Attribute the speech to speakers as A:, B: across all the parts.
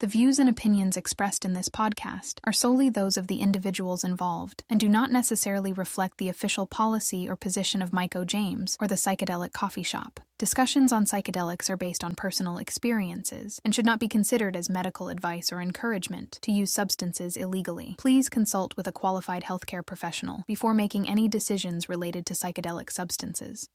A: The views and opinions expressed in this podcast are solely those of the individuals involved and do not necessarily reflect the official policy or position of Mike O. James or the Psychedelic Coffee Shop. Discussions on psychedelics are based on personal experiences and should not be considered as medical advice or encouragement to use substances illegally. Please consult with a qualified healthcare professional before making any decisions related to psychedelic substances.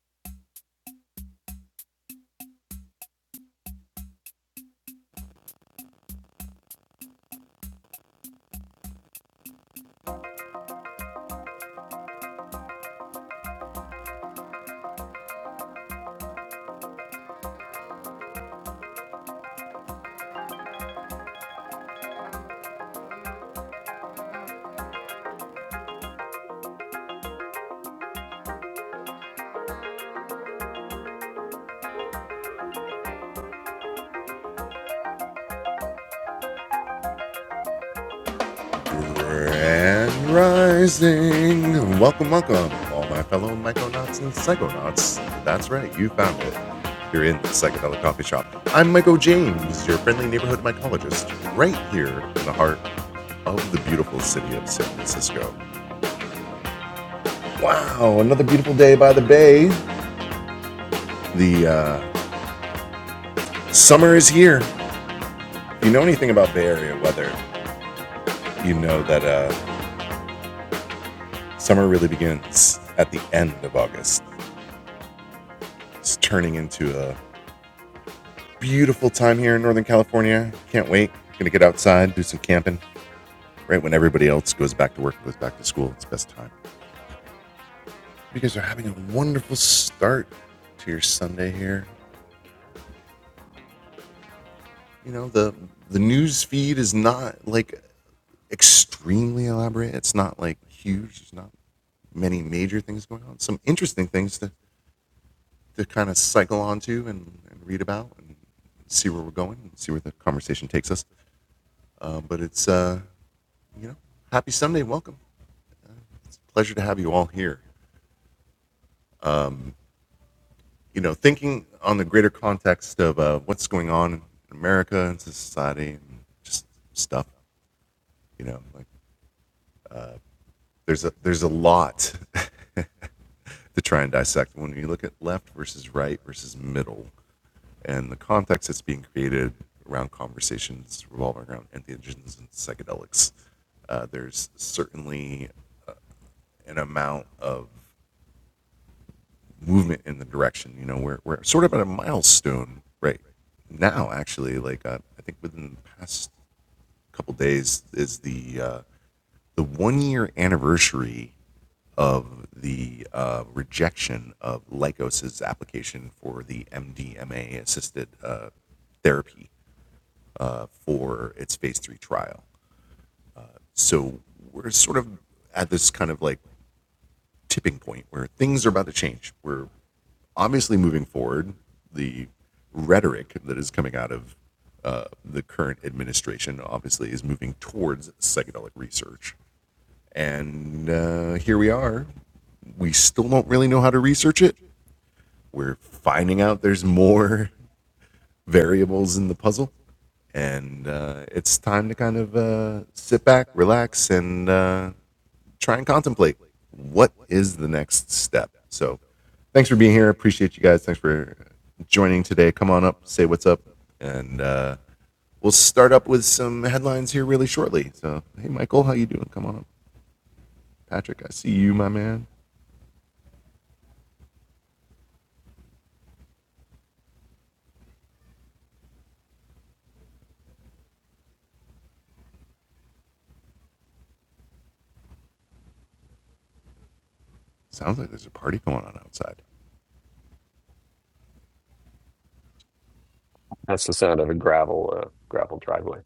B: That's the sound of a gravel uh, gravel driveway.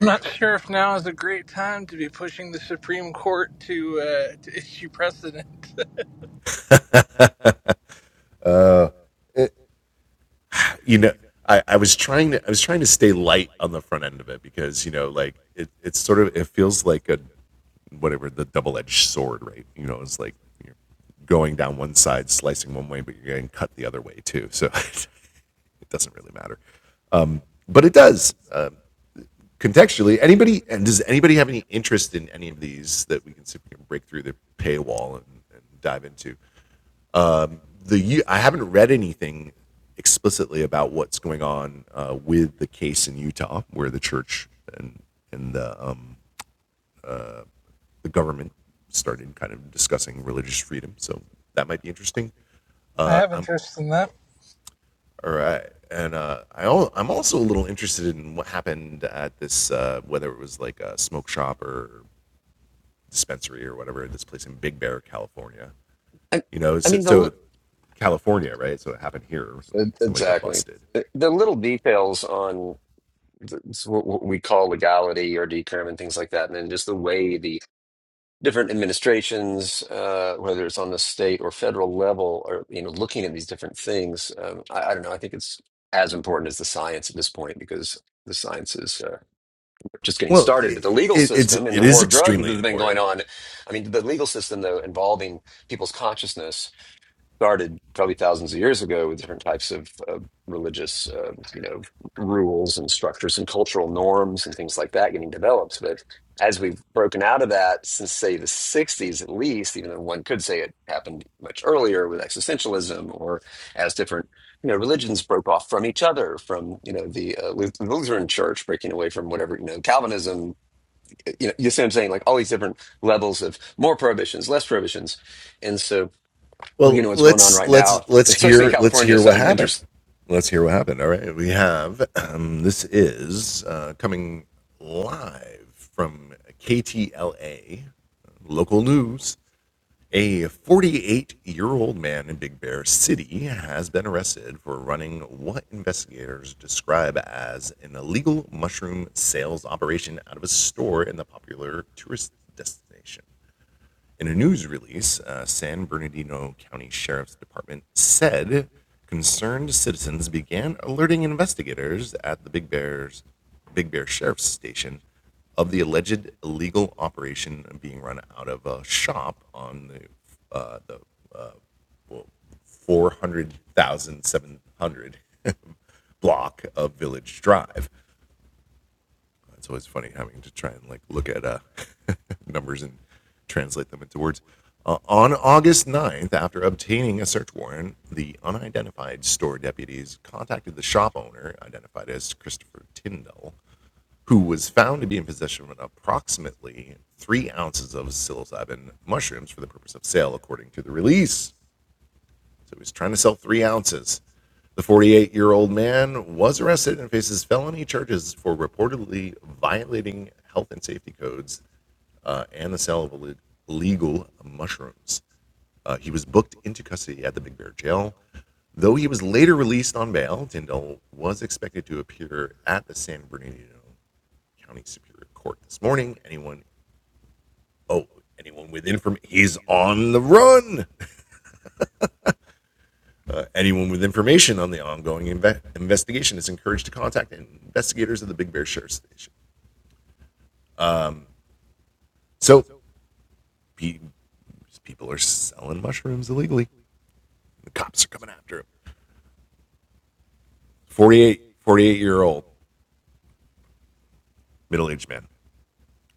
C: I'm not sure if now is a great time to be pushing the Supreme Court to uh, to issue precedent. I have interest in that.
B: I, I mean the li- e- exactly the, the little details on the, s- what what we call legality or decorum and things like that, and then just the way the different administrations, uh, whether it's on the state or federal level, or you know looking at these different things. Um, I, I don't know. I think it's as important as the science at this point because the science is uh, just getting started. But the legal system and the war of drugs that's been going on. I mean, the legal system though involving people's consciousness started probably thousands of years ago with different types of uh, religious, uh, you know, rules and structures and cultural norms and things like that getting developed. But as we've broken out of that since, say, the 60s at least, even though one could say it happened much earlier with existentialism or as different, you know, religions broke off from each other, from, you know, the uh, Luth- Lutheran church breaking away from whatever, you know, Calvinism, uh, you know, you see what I'm saying? Like all these different levels of more prohibitions, less prohibitions. And so looking know what's going on right now, especially in California, sounds interesting.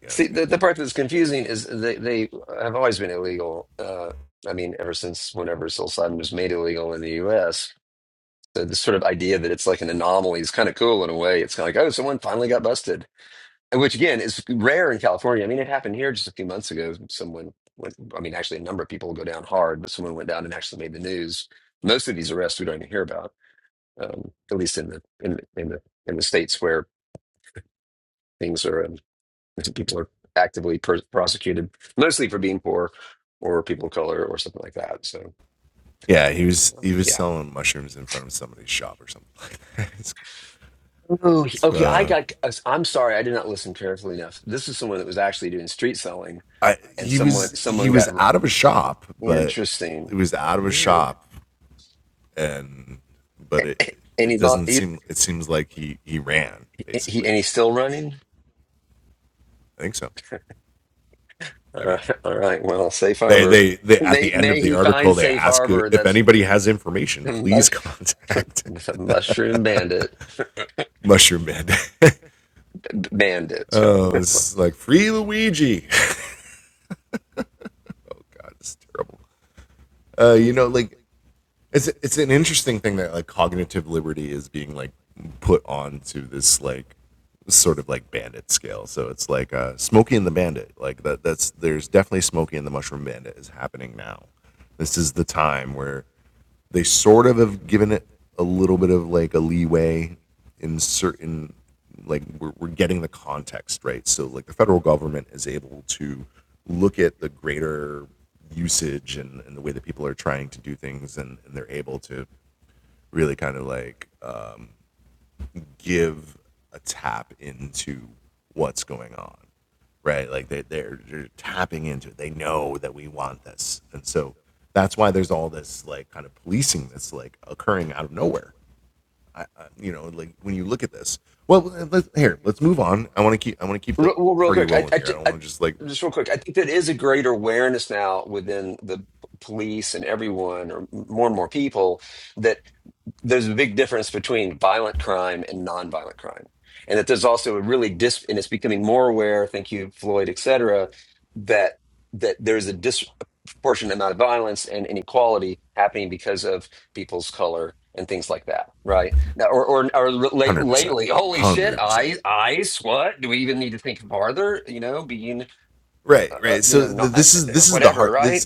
B: See, the, the part that's confusing is they, they have always been illegal. Uh, I mean, ever since whenever psilocybin was made illegal in the U.S., the, the sort of idea that it's like an anomaly is kind of cool in a way. It's kind of like, oh, someone finally got busted, And which again is rare in California. I mean, it happened here just a few months ago. Someone went, I mean, actually, a number of people go down hard, but someone went down and actually made the news. Most of these arrests we don't even hear about, um, at least in the in, the- in the in the states where things are. um, people are actively per- prosecuted, mostly for being poor or people of color or something like that. So, um, yeah. Oh, okay. I got. I'm sorry, I did not listen carefully enough. This is someone that was actually doing street selling, and someone someone got interesting, weird, and he's not. He, he and he's still running. All right. All right. Well, safe harbor. May may he find safe harbor. That's. Mush, mushroom bandit, bandit. Re- Well, real quick, I, I, I- just real quick, I think there is a greater awareness now within the p- police and everyone, or more and more people, that there's a big difference between violent crime and nonviolent crime. And that there's also a really dis and it's becoming more aware, thank you, Floyd, et cetera, that that there's a disproportionate amount of violence and inequality happening because of people's color and things like that. Right. Now or or, or late, lately, holy shit, I ice, what? Do we even need to think farther? You know, being uh, uh, you know, not uh, uh, whatever, right?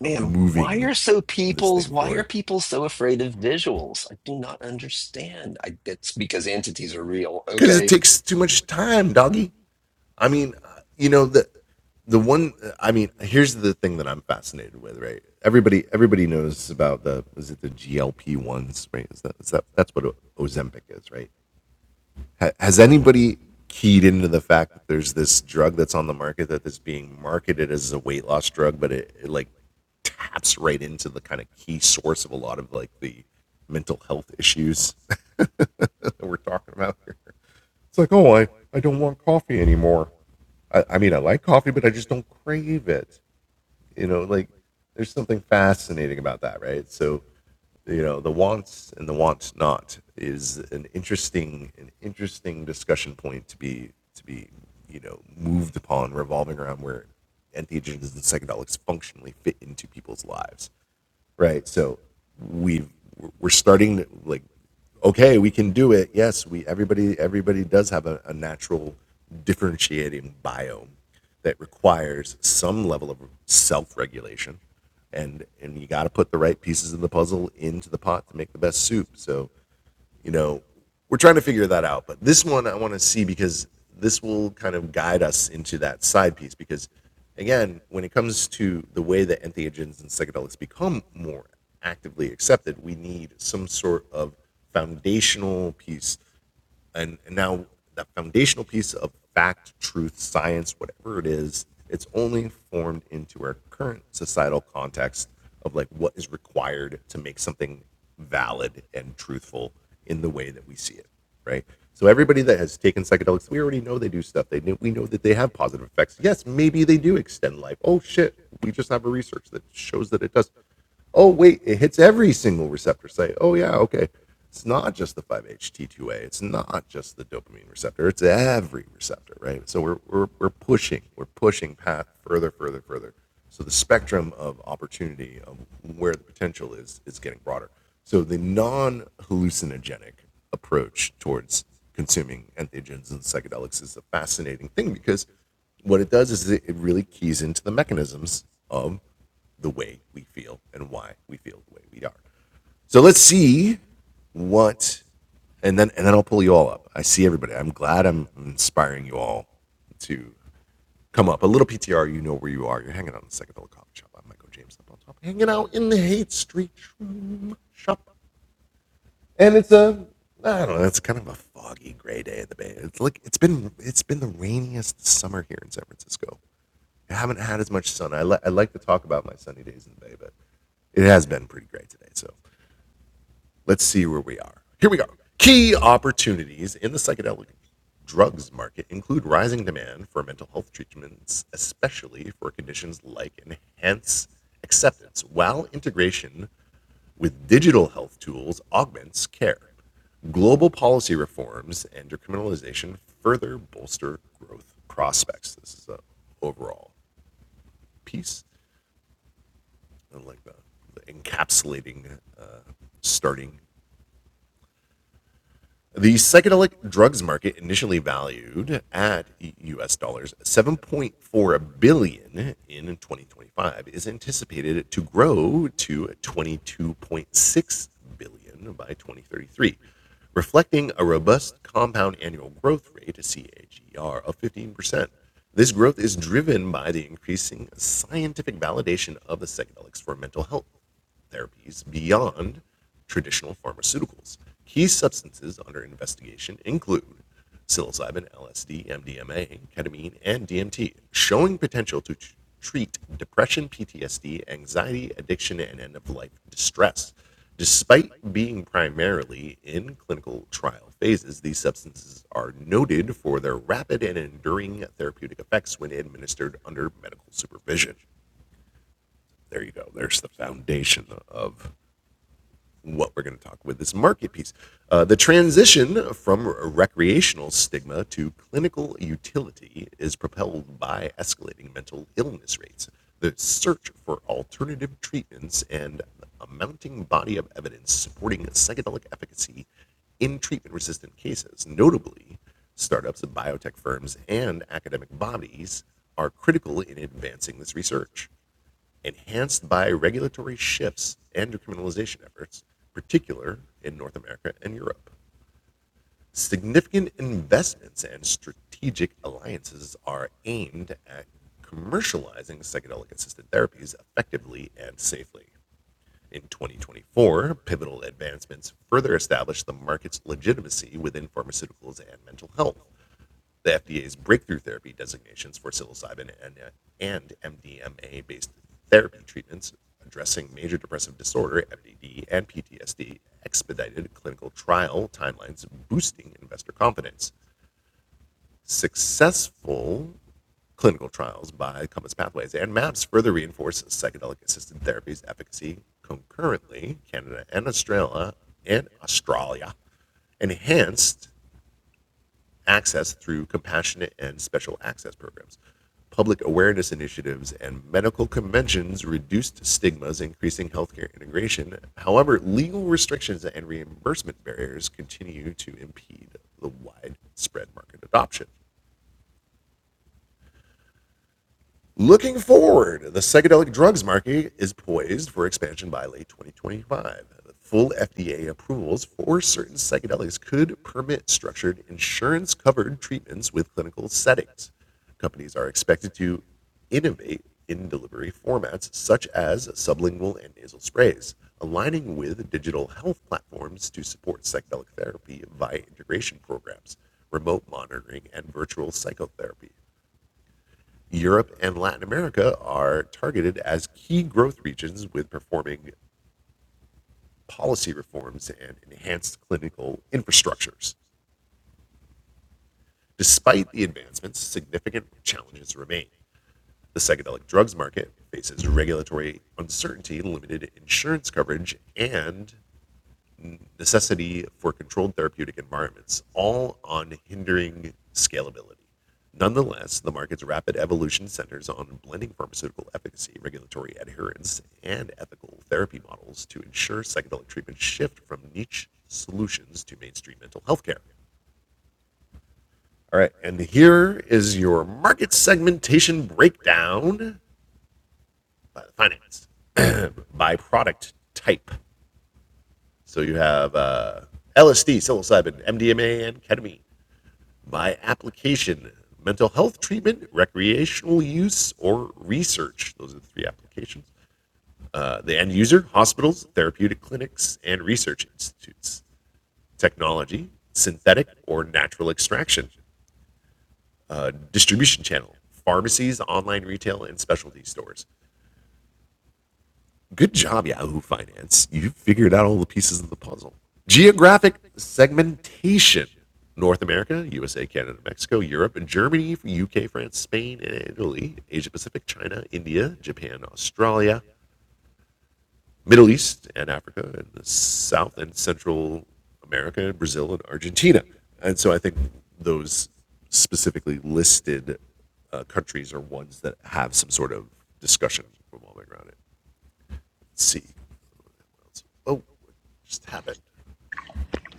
B: Man, why are so people's why are people so afraid of visuals? I do not understand. I, it's because entities are real. Okay.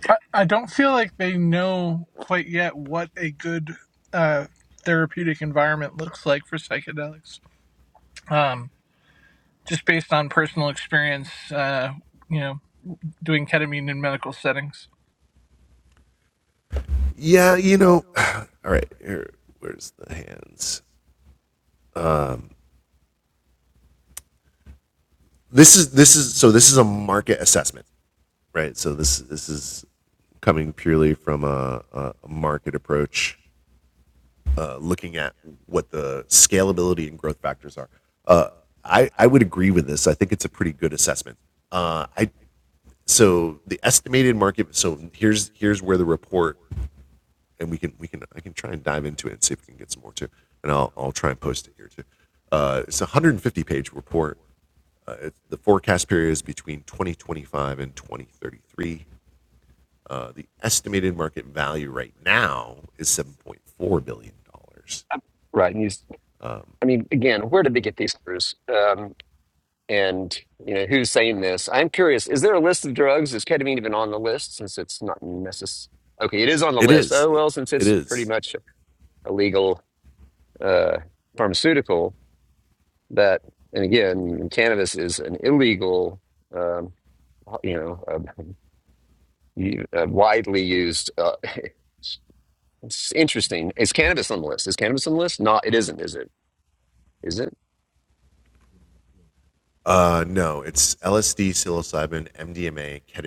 C: I, I don't feel like they know quite yet what a good uh, therapeutic environment looks like for psychedelics. Um, just based on personal experience, uh, you know, doing ketamine in medical settings.
B: Right. And he's, I mean, again, where did they get these numbers? Um, and you know, who's saying this? I'm curious, is there a list of drugs? Is ketamine even on the list since it's not necessary? Okay, it is on the list. Oh well, since it's pretty much a legal uh pharmaceutical that and again, cannabis is an illegal um, you know, uh, You- uh, widely used. Uh, it's interesting. Is cannabis on the list? Is cannabis on the list? Not. It isn't. Is it? Is it?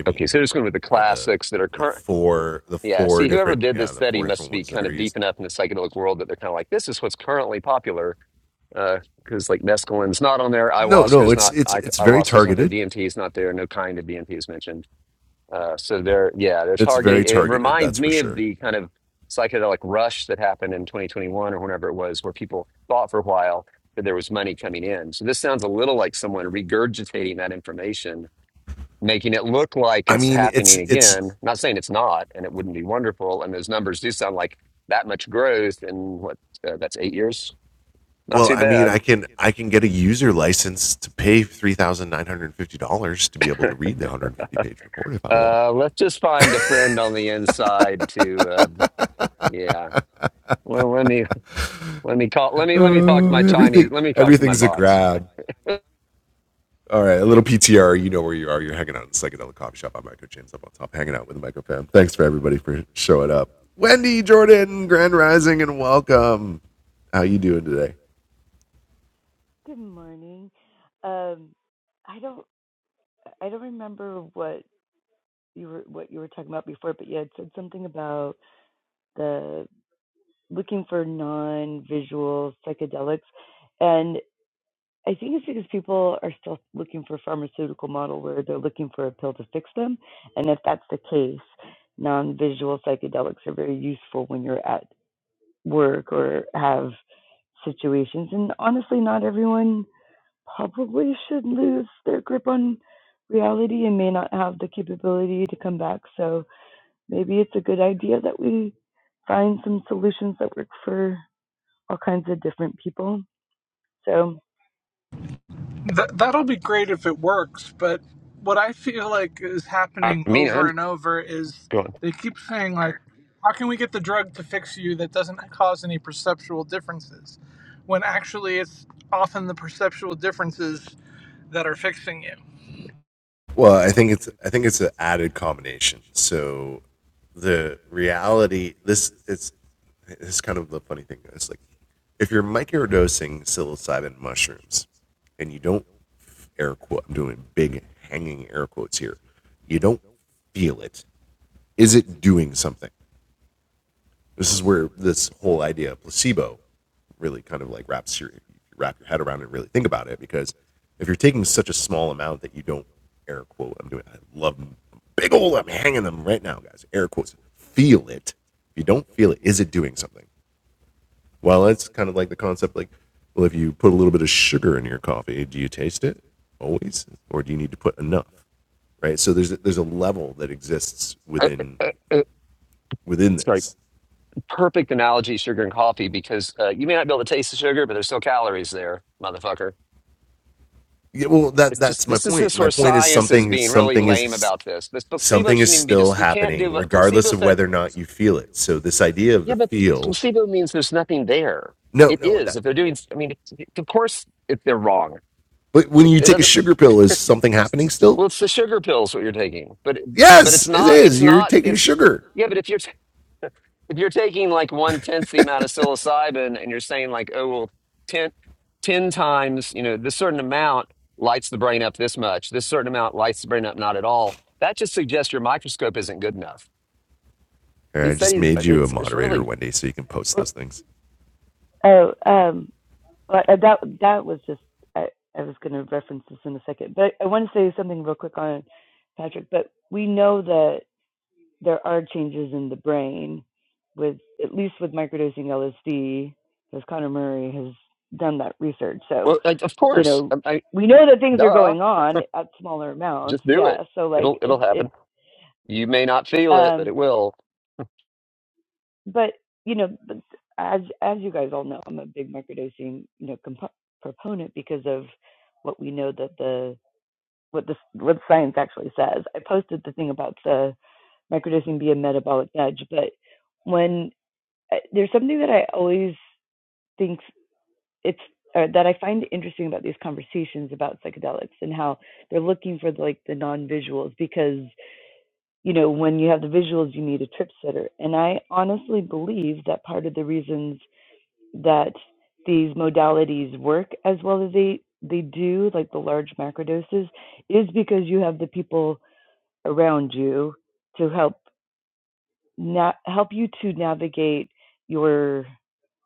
B: Okay, so just going with the classics that are current. Yeah, see, whoever did this study must be kind of deep enough in the psychedelic world that they're kind of like, this is what's currently popular. Because like mescaline's not on there, ayahuasca's not, I, ayahuasca's not there, DMT is not there, no kind of DMT is mentioned. Uh, so they're yeah, they're targeting. It reminds me of the kind of psychedelic rush that happened in 2021 or whenever it was, where people thought for a while that there was money coming in. So this sounds a little like someone regurgitating that information, making it look like it's happening again. Not saying it's not, and it wouldn't be wonderful. And those numbers do sound like that much growth in what uh, that's eight years. Not too bad. Uh, let's just find a friend on the inside to uh, yeah. Well, let me Let me call. Let me let me talk to my Chinese. Let me talk to my bots.
D: Good morning. Um, I don't I don't remember what you were what you were talking about before, but you had said something about the looking for non-visual psychedelics, and I think it's because people are still looking for pharmaceutical model where they're looking for a pill to fix them, and if that's the case, non-visual psychedelics are very useful when you're at work or have situations, and honestly, not everyone probably should lose their grip on reality and may not have the capability to come back. So maybe it's a good idea that we find some solutions that work for all kinds of different people. So,
C: Th- that'll be great if it works, but what I feel like is
B: I
C: happening
B: mean,
C: over
B: I'm
C: and over is
B: going.
C: they keep saying, like, how can we get the drug to fix you that doesn't cause any perceptual differences? When actually, it's often the perceptual differences that are fixing you.
B: Uh, uh, uh, sorry. Perfect analogy, sugar and coffee, because uh, you may not be able to taste the sugar, but there's still calories there, motherfucker. It's just this is this where science is being really lame about this. This placebo shouldn't even be. Dis- you can't do a placebo effect. Yeah, but placebo means there's nothing there. It is. If they're doing, I mean, of course, if they're wrong, it, it doesn't. Well, it's the sugar pills what you're taking, but but it's not. It's not. It's yeah. But if you're t- if you're taking like one tenth the amount of psilocybin, and you're saying like, oh well, ten ten times, you know, this certain amount lights the brain up this much. This certain amount lights the brain up not at all. That just suggests your microscope isn't good enough. These studies, uh, it's it's really
D: well, oh, um, well, uh, that that was just I, I was going to reference this in a second, but I want to say something real quick on Patrick. But we know that there are changes in the brain with at least with microdosing LSD, because Connor Murray has done that research. So,
B: well, like, of
D: you
B: course,
D: know,
B: I, I,
D: we know that things are
B: duh,
D: going on at smaller amounts.
B: just do
D: Yeah.
B: it.
D: So
B: It'll
D: like
B: it'll
D: it, it
B: happen. You may not feel it, but
D: um,
B: it will.
D: but you know, as as you guys all know, I'm a big microdosing you know compo- proponent because of what we know that the what the what science actually says. I posted the thing about the microdosing being metabolic edge, but when I- there's something that I always think it's or that I find interesting about these conversations about psychedelics and how they're looking for the, like the non-visuals because you know when you have the visuals you need a trip sitter and I honestly believe that part of the reasons that these modalities work as well as they they do like the large macrodoses is because you have the people around you to help na- help you to navigate your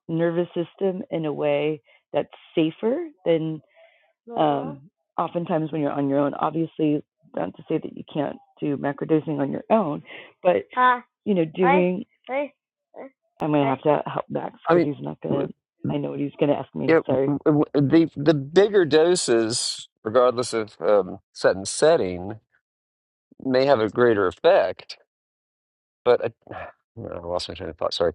D: nervous system in a way that's safer than um, oftentimes when you're on your own. Obviously, not to say that you can't do macrodosing on your own, but Uh, you know, doing. I, I, I, I'm gonna have to help Max
B: I
D: because
B: mean.
D: he's not gonna. I know what he's gonna ask me.
B: Yeah,
D: Sorry.
B: w- w- the the bigger doses, regardless of um, set and setting, may have a greater effect. But I, I lost my train of thought. Sorry.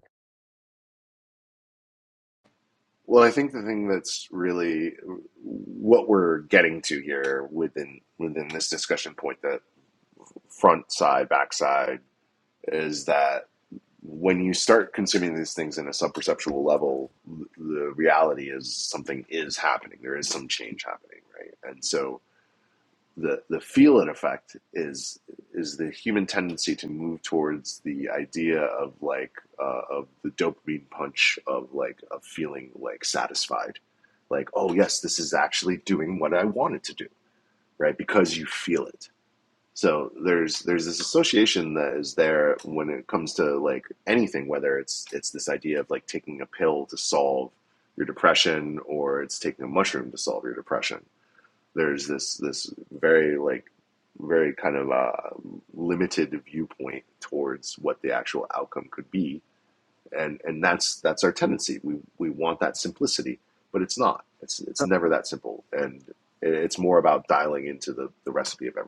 B: Uh,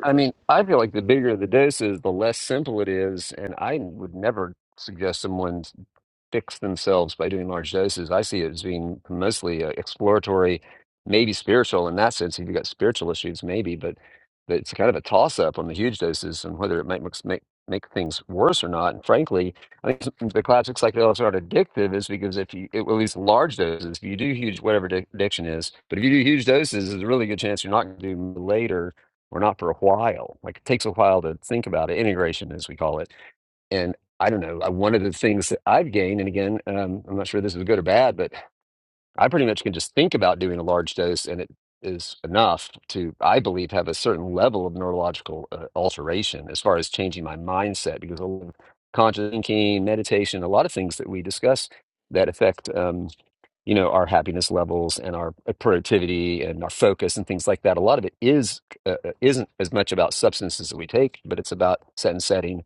B: I mean, I feel like the bigger the doses, the less simple it is, and I would never suggest someone. fix themselves by doing large doses. I see it as being mostly uh, exploratory, maybe spiritual in that sense. If you've got spiritual issues, maybe, but, but it's kind of a toss up on the huge doses and whether it might mix- make make things worse or not. And frankly, I think the classic psychedelics are addictive is because if you, it, at least large doses, if you do huge, whatever di- addiction is, but if you do huge doses, there's a really good chance you're not going to do later or not for a while. Like it takes a while to think about it, integration, as we call it and I don't know. I, one of the things that I've gained, and again, um, I'm not sure this is good or bad, but I pretty much can just think about doing a large dose, and it is enough to, I believe, have a certain level of neurological uh, alteration as far as changing my mindset because a lot of conscious thinking, meditation, a lot of things that we discuss that affect, um, you know, our happiness levels and our uh, productivity and our focus and things like that. A lot of it is uh, uh, isn't as much about substances that we take, but it's about set and setting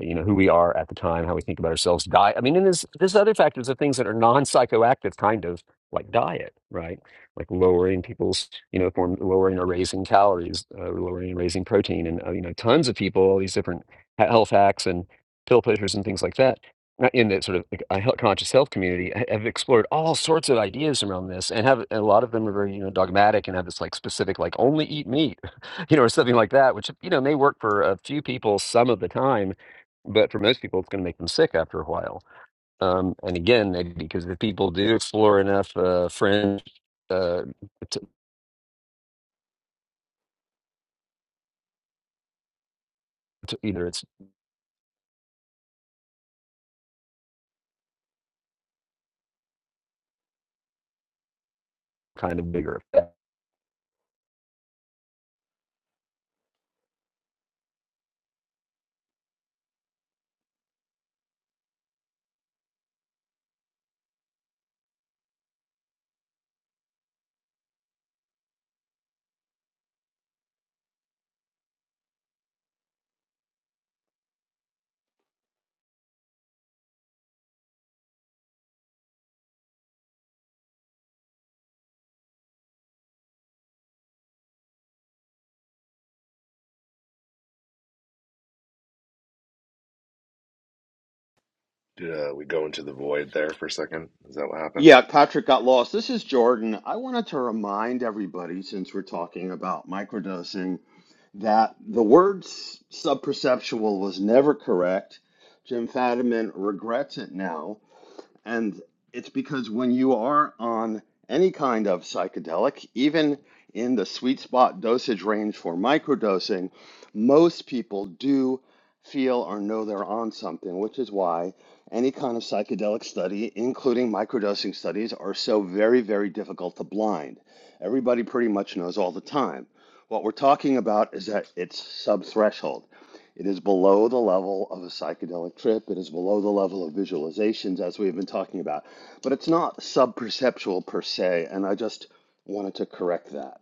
B: you know who we are at the time, how we think about ourselves, diet. I mean, and there's there's other factors of things that are non-psychoactive, kind of like diet, right? Like lowering people's, you know, if lowering or raising calories, uh, lowering and raising protein, and uh, you know, tons of people, all these different he- health hacks and pill pushers and things like that. uh, In the sort of like, uh, health- conscious health community, ha- have explored all sorts of ideas around this, and have and a lot of them are very you know dogmatic and have this like specific like only eat meat, you know, or something like that, which you know may work for a few people some of the time but for most people, it's going to make them sick after a while. Um, and again, they- because if people do explore enough uh, fringe, uh, t t either it's kind of bigger.
E: Yeah, Patrick got lost. This is Jordan. I wanted to remind everybody, since we're talking about microdosing, that the word s- subperceptual was never correct. Jim Fadiman regrets it now. And it's because when you are on any kind of psychedelic, even in the sweet spot dosage range for microdosing, most people do feel or know they're on something, which is why any kind of psychedelic study, including microdosing studies, are so very, very difficult to blind. Everybody pretty much knows all the time. What we're talking about is that it's subthreshold. It is below the level of a psychedelic trip. It is below the level of visualizations, as we've been talking about. But it's not sub-perceptual per se, and I just wanted to correct that.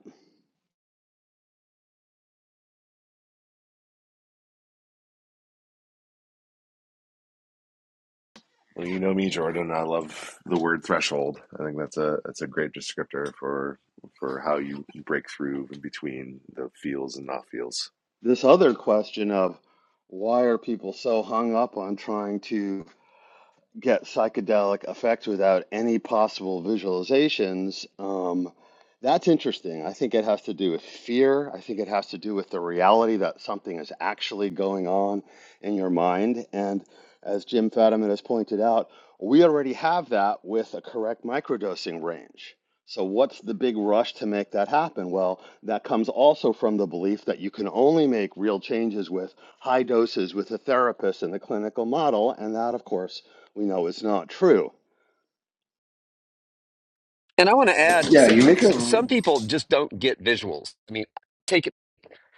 E: This other question of why are people so hung up on trying to get psychedelic effects without any possible visualizations, um, that's interesting. I think it has to do with fear. I think it has to do with the reality that something is actually going on in your mind. And as Jim Fadiman has pointed out, we already have that with a correct microdosing range. So, what's the big rush to make that happen? Well, that comes also from the belief that you can only make real changes with high doses with a therapist in the clinical model. And that, of course, we know it's not true.
B: And I want to add, s s- some people just don't get visuals. I mean, take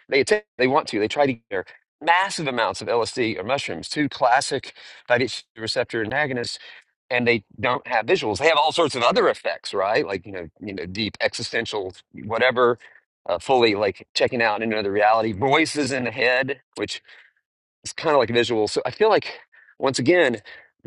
B: They attempt, they want to. They try to get there. massive amounts of LSD or mushrooms, two classic 5-HT receptor antagonists, and they don't have visuals. They have all sorts of other effects, right? Like you know, you know, deep existential whatever, uh, fully like checking out into another reality. Voices in the head, which it's kind of like visuals. So I feel like once again,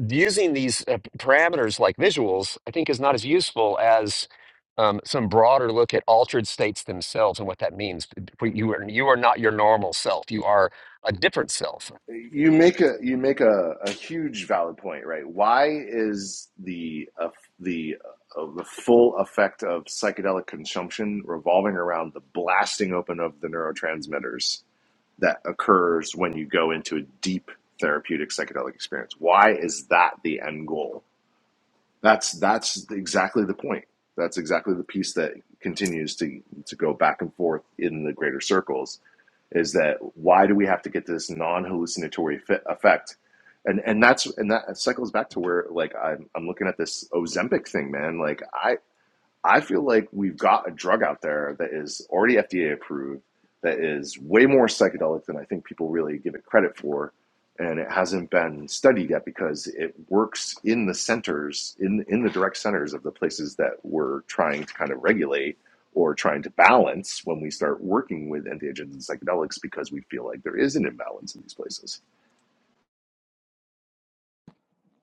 B: using these uh, p- parameters like visuals, I think is not as useful as um, some broader look at altered states themselves and what that means. P- You are you are not your normal self. You are a different self.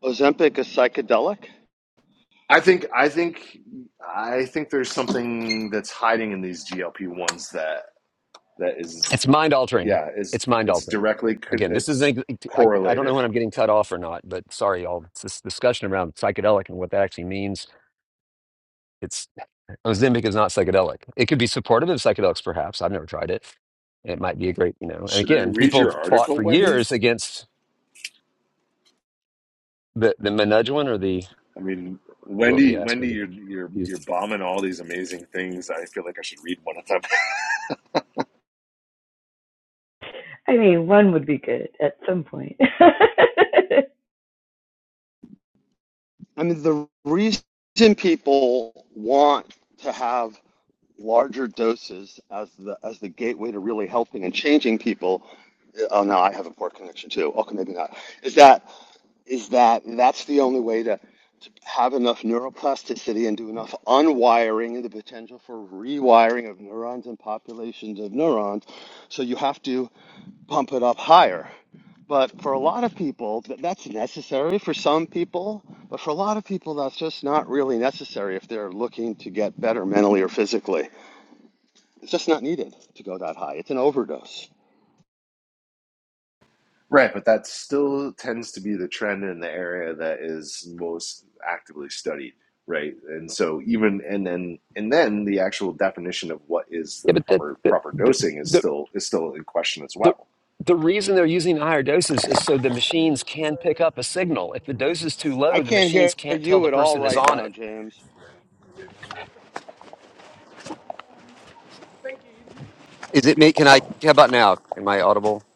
E: Ozempic is psychedelic.
B: It's mind altering. It's mind altering. Again, this is an, ex- I, I don't know when I'm getting cut off or not, but sorry, all this discussion around psychedelic and what that actually means It's Ozempic is not psychedelic. It could be supportive of psychedelics, perhaps. I've never tried it. It might be a great, you know. And again, people fought for years against the the Menudowan or the well, yeah, that's when to use.
D: I mean, one would be good at some point. I
E: I mean, the reason people want to have larger doses as the as the gateway to really helping and changing people. Oh no, I have a poor connection too. Okay, maybe not. Is that is that that's the only way to to have enough neuroplasticity and do enough unwiring and the potential for rewiring of neurons and populations of neurons. So you have to. bump it up higher. But for a lot of people, th- that's necessary for some people. But for a lot of people, that's just not really necessary if they're looking to get better mentally or physically. It's just not needed to go that high. It's an overdose.
B: Yeah, but the the the the the the reason they're using higher doses is so the machines can pick up a signal. If the dose is too
E: I
B: low, the
E: can't hear
B: machines can't tell
E: you
B: the
E: at all
B: person is
E: right
B: on
E: now,
B: it.
E: James.
B: Is it me? Can I? How about now? Am I audible?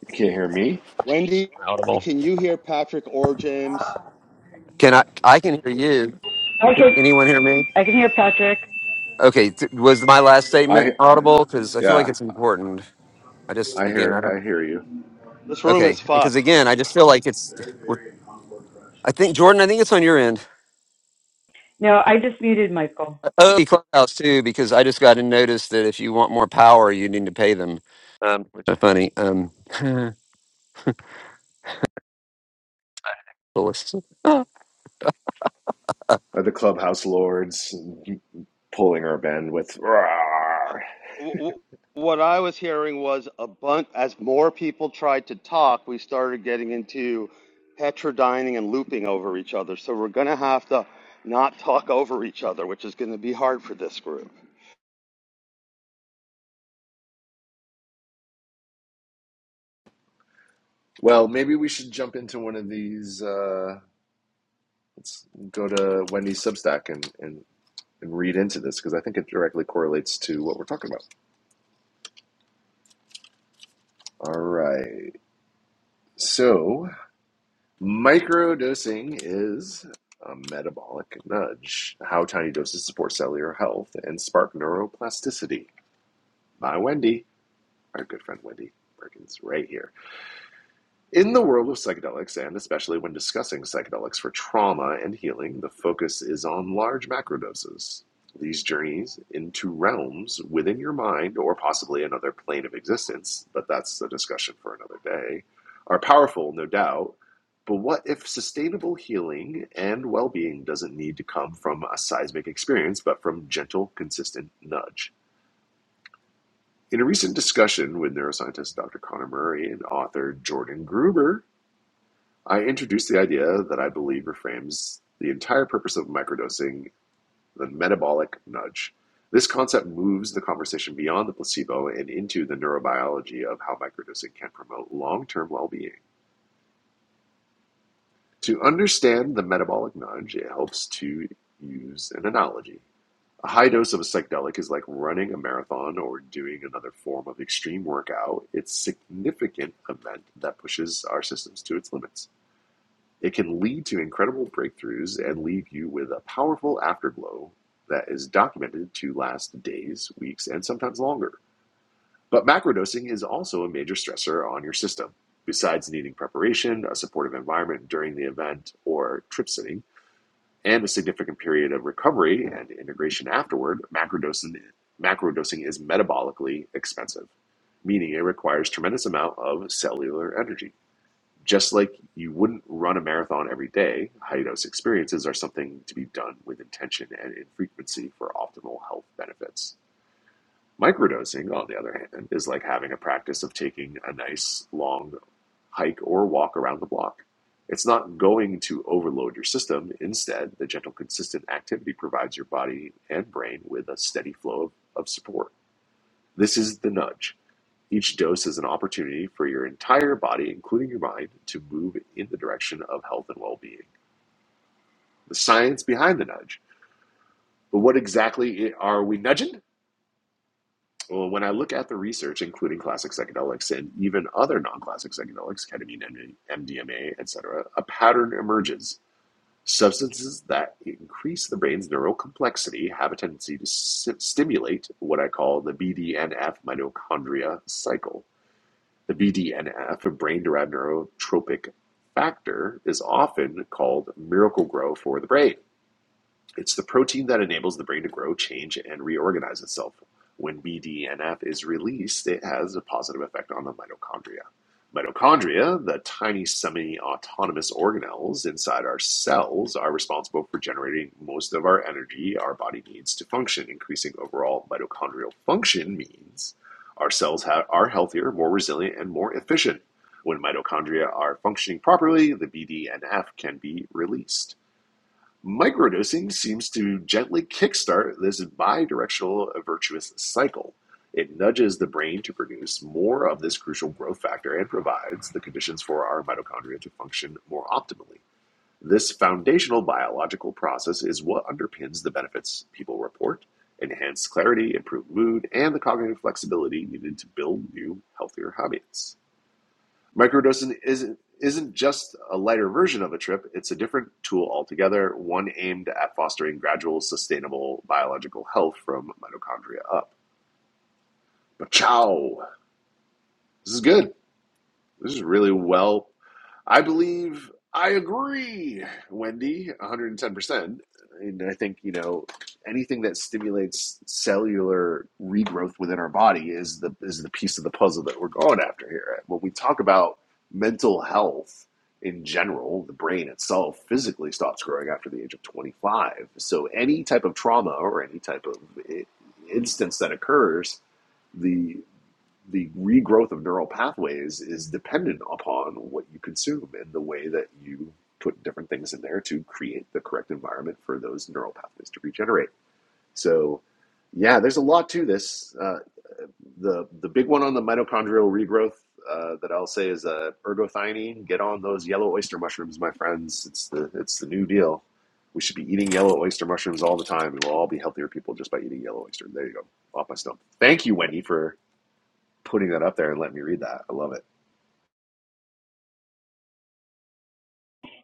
E: Wendy,
B: Audible.
E: can you hear Patrick or James?
B: Can I? I can hear you. Can
D: can.
B: anyone hear me?
D: I can hear Patrick.
B: Okay, th- was my last statement audible? Because I feel like it's important. I just again, I don't.
E: This room
B: Okay,
E: is
B: because
E: fucked.
B: again, I just feel like it's. we're- I think Jordan, I think it's on your end.
D: No, I just muted Michael.
B: Oh, the clubhouse too, because I just got a notice that if you want more power, you need to pay them. Um, which is funny. Um, but let's-
E: Uh, w- w- What I was hearing was a bunch, as more people tried to talk, we started getting into heterodyning and looping over each other. So we're going to have to not talk over each other, which is going to be hard for this group.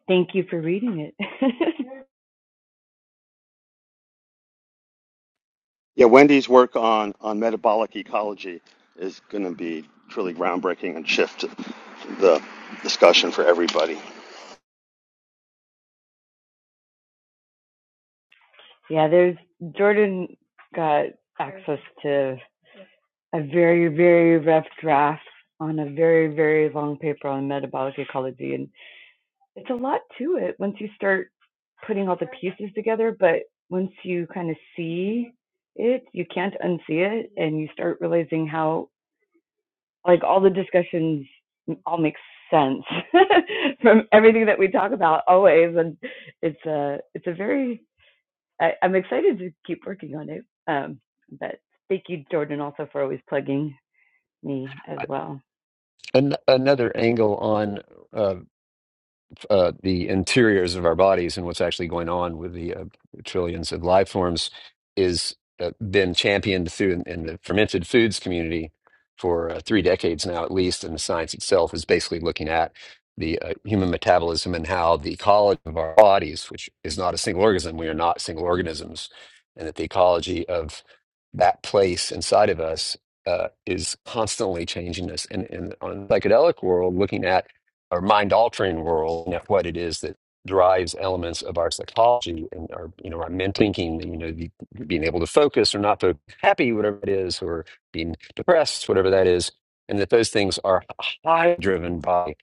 D: Thank you for reading it.
E: Yeah, Wendy's work on, on metabolic ecology is going to be truly groundbreaking and shift the discussion for everybody.
D: Yeah, there's Jordan got access to a very, very rough draft on a very, very long paper on metabolic ecology. And it's a lot to it once you start putting all the pieces together. But once you kind of see it, you can't unsee it. And you start realizing how, like, all the discussions all make sense from everything that we talk about always. And it's a, it's a very I, I'm excited to keep working on it. Um, but thank you, Jordan, also for always plugging me as well.
B: An- another angle on uh, uh, the interiors of our bodies and what's actually going on with the uh, trillions of life forms is uh, been championed through in, in the fermented foods community for uh, three decades now at least and the science itself is basically looking at the uh, human metabolism and how the ecology of our bodies which is not a single organism we are not single organisms and that the ecology of that place inside of us uh, is constantly changing us and, and on the psychedelic world looking at or mind altering world and what it is that drives elements of our psychology and our you know our men thinking you know the, being able to focus or not to happy whatever it is or being depressed whatever that is and that those things are high driven by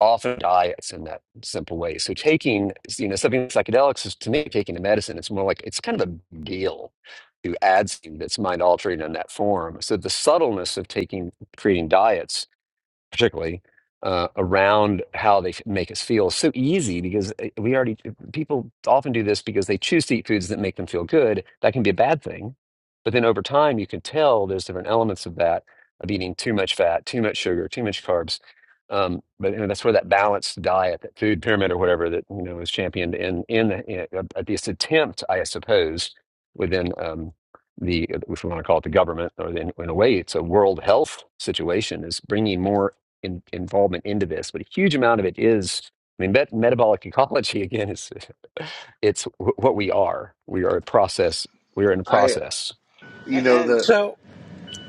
B: often diets in that simple way so taking you know something like psychedelics is to me taking a medicine it's more like it's kind of a big deal to add something that's mind altering in that form so the subtleness of taking creating diets particularly uh, around how they make us feel so easy because eh, we already eh, people often do this because they choose to eat foods that make them feel good that can be a bad thing but then over time you can tell there's different elements of that of eating too much fat too much sugar too much carbs um, but you know, that's where that balanced diet that food pyramid or whatever that you know was championed in in, the, in at this attempt i suppose within um, the eh, if we want to call it the government or in, in a way it's a world health situation is bringing more in, involvement into this, but a huge amount of it is, I mean, met, metabolic ecology again is it's wh- what we are. We are a process. We are in a process.
E: A- And.
C: So,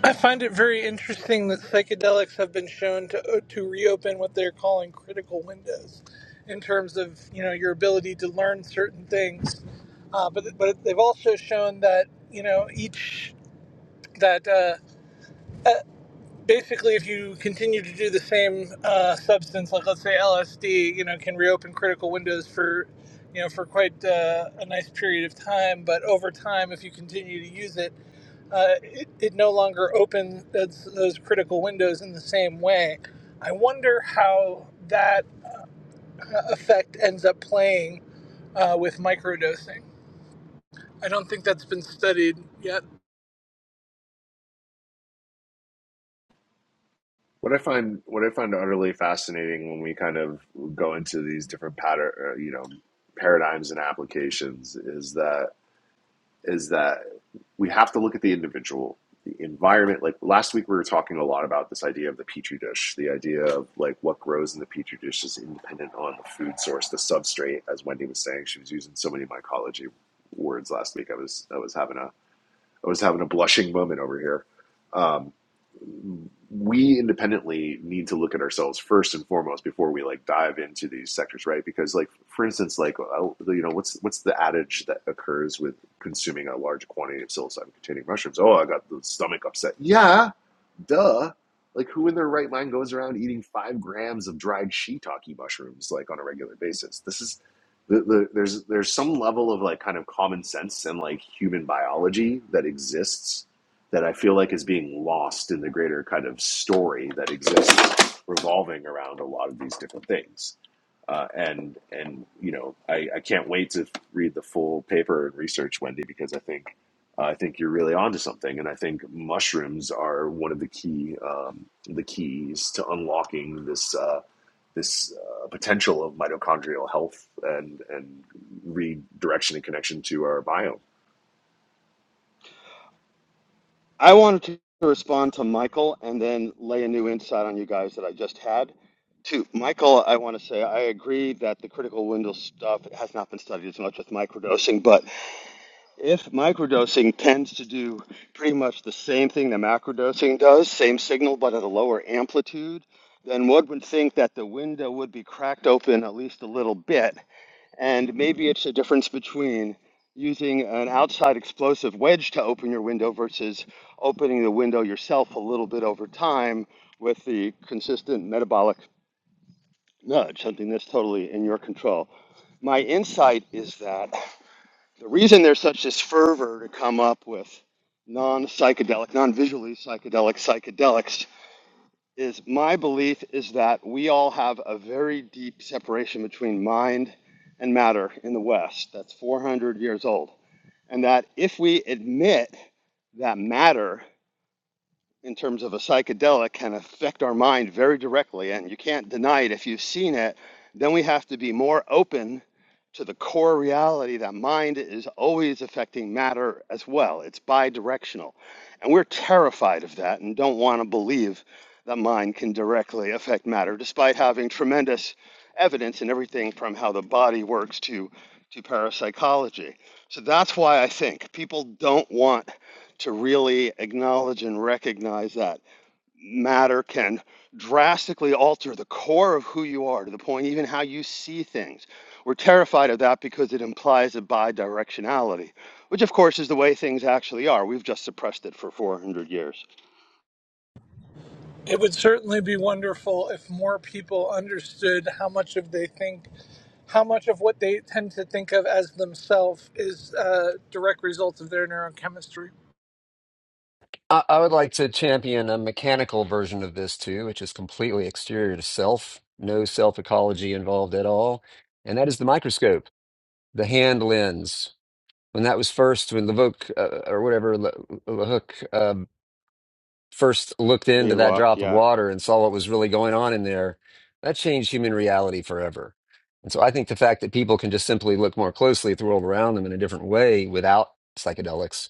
C: I find it very interesting that psychedelics have been shown to uh, to reopen what they're calling critical windows, in terms of you know your ability to learn certain things. Uh, but but they've also shown that you know each that uh, uh, basically if you continue to do the same uh, substance, like let's say LSD, you know, can reopen critical windows for you know for quite uh, a nice period of time. But over time, if you continue to use it uh, it, it no longer opens those, those critical windows in the same way. I wonder how that uh, effect ends up playing uh, with microdosing. I don't think that's been studied yet.
E: I wanted to respond to Michael and then lay a new insight on you guys that I just had. To Michael, I want to say I agree that the critical window stuff has not been studied as much with microdosing, but if microdosing tends to do pretty much the same thing that macrodosing does, same signal but at a lower amplitude, then one would think that the window would be cracked open at least a little bit and maybe it's the difference between using an outside explosive wedge to open your window versus opening the window yourself a little bit over time with the consistent metabolic nudge, something that's totally in your control. My insight is that the reason there's such this fervor to come up with non psychedelic, non visually psychedelic psychedelics is my belief is that we all have a very deep separation between mind and matter in the West that's 400 years old. And that if we admit that matter in terms of a psychedelic can affect our mind very directly, and you can't deny it if you've seen it, then we have to be more open to the core reality that mind is always affecting matter as well. It's bidirectional. And we're terrified of that and don't want to believe that mind can directly affect matter, despite having tremendous evidence in everything from how the body works to, to parapsychology. So that's why I think people don't want to really acknowledge and recognize that matter can drastically alter the core of who you are to the point even how you see things. We're terrified of that because it implies a bidirectionality, which of course is the way things actually are. We've just suppressed it for 400 years.
C: It would certainly be wonderful if more people understood how much of they think, how much of what they tend to think of as themselves is uh, direct results of their neurochemistry.
B: I, I would like to champion a mechanical version of this too, which is completely exterior to self, no self ecology involved at all, and that is the microscope, the hand lens. When that was first, when Levoque uh, or whatever Le, Lehook first looked into
E: Leon
B: that
E: Walk,
B: drop of
E: yeah.
B: water and saw what was really going on in there, that changed human reality forever. And so I think the fact that people can just simply look more closely at the world around them in a different way without psychedelics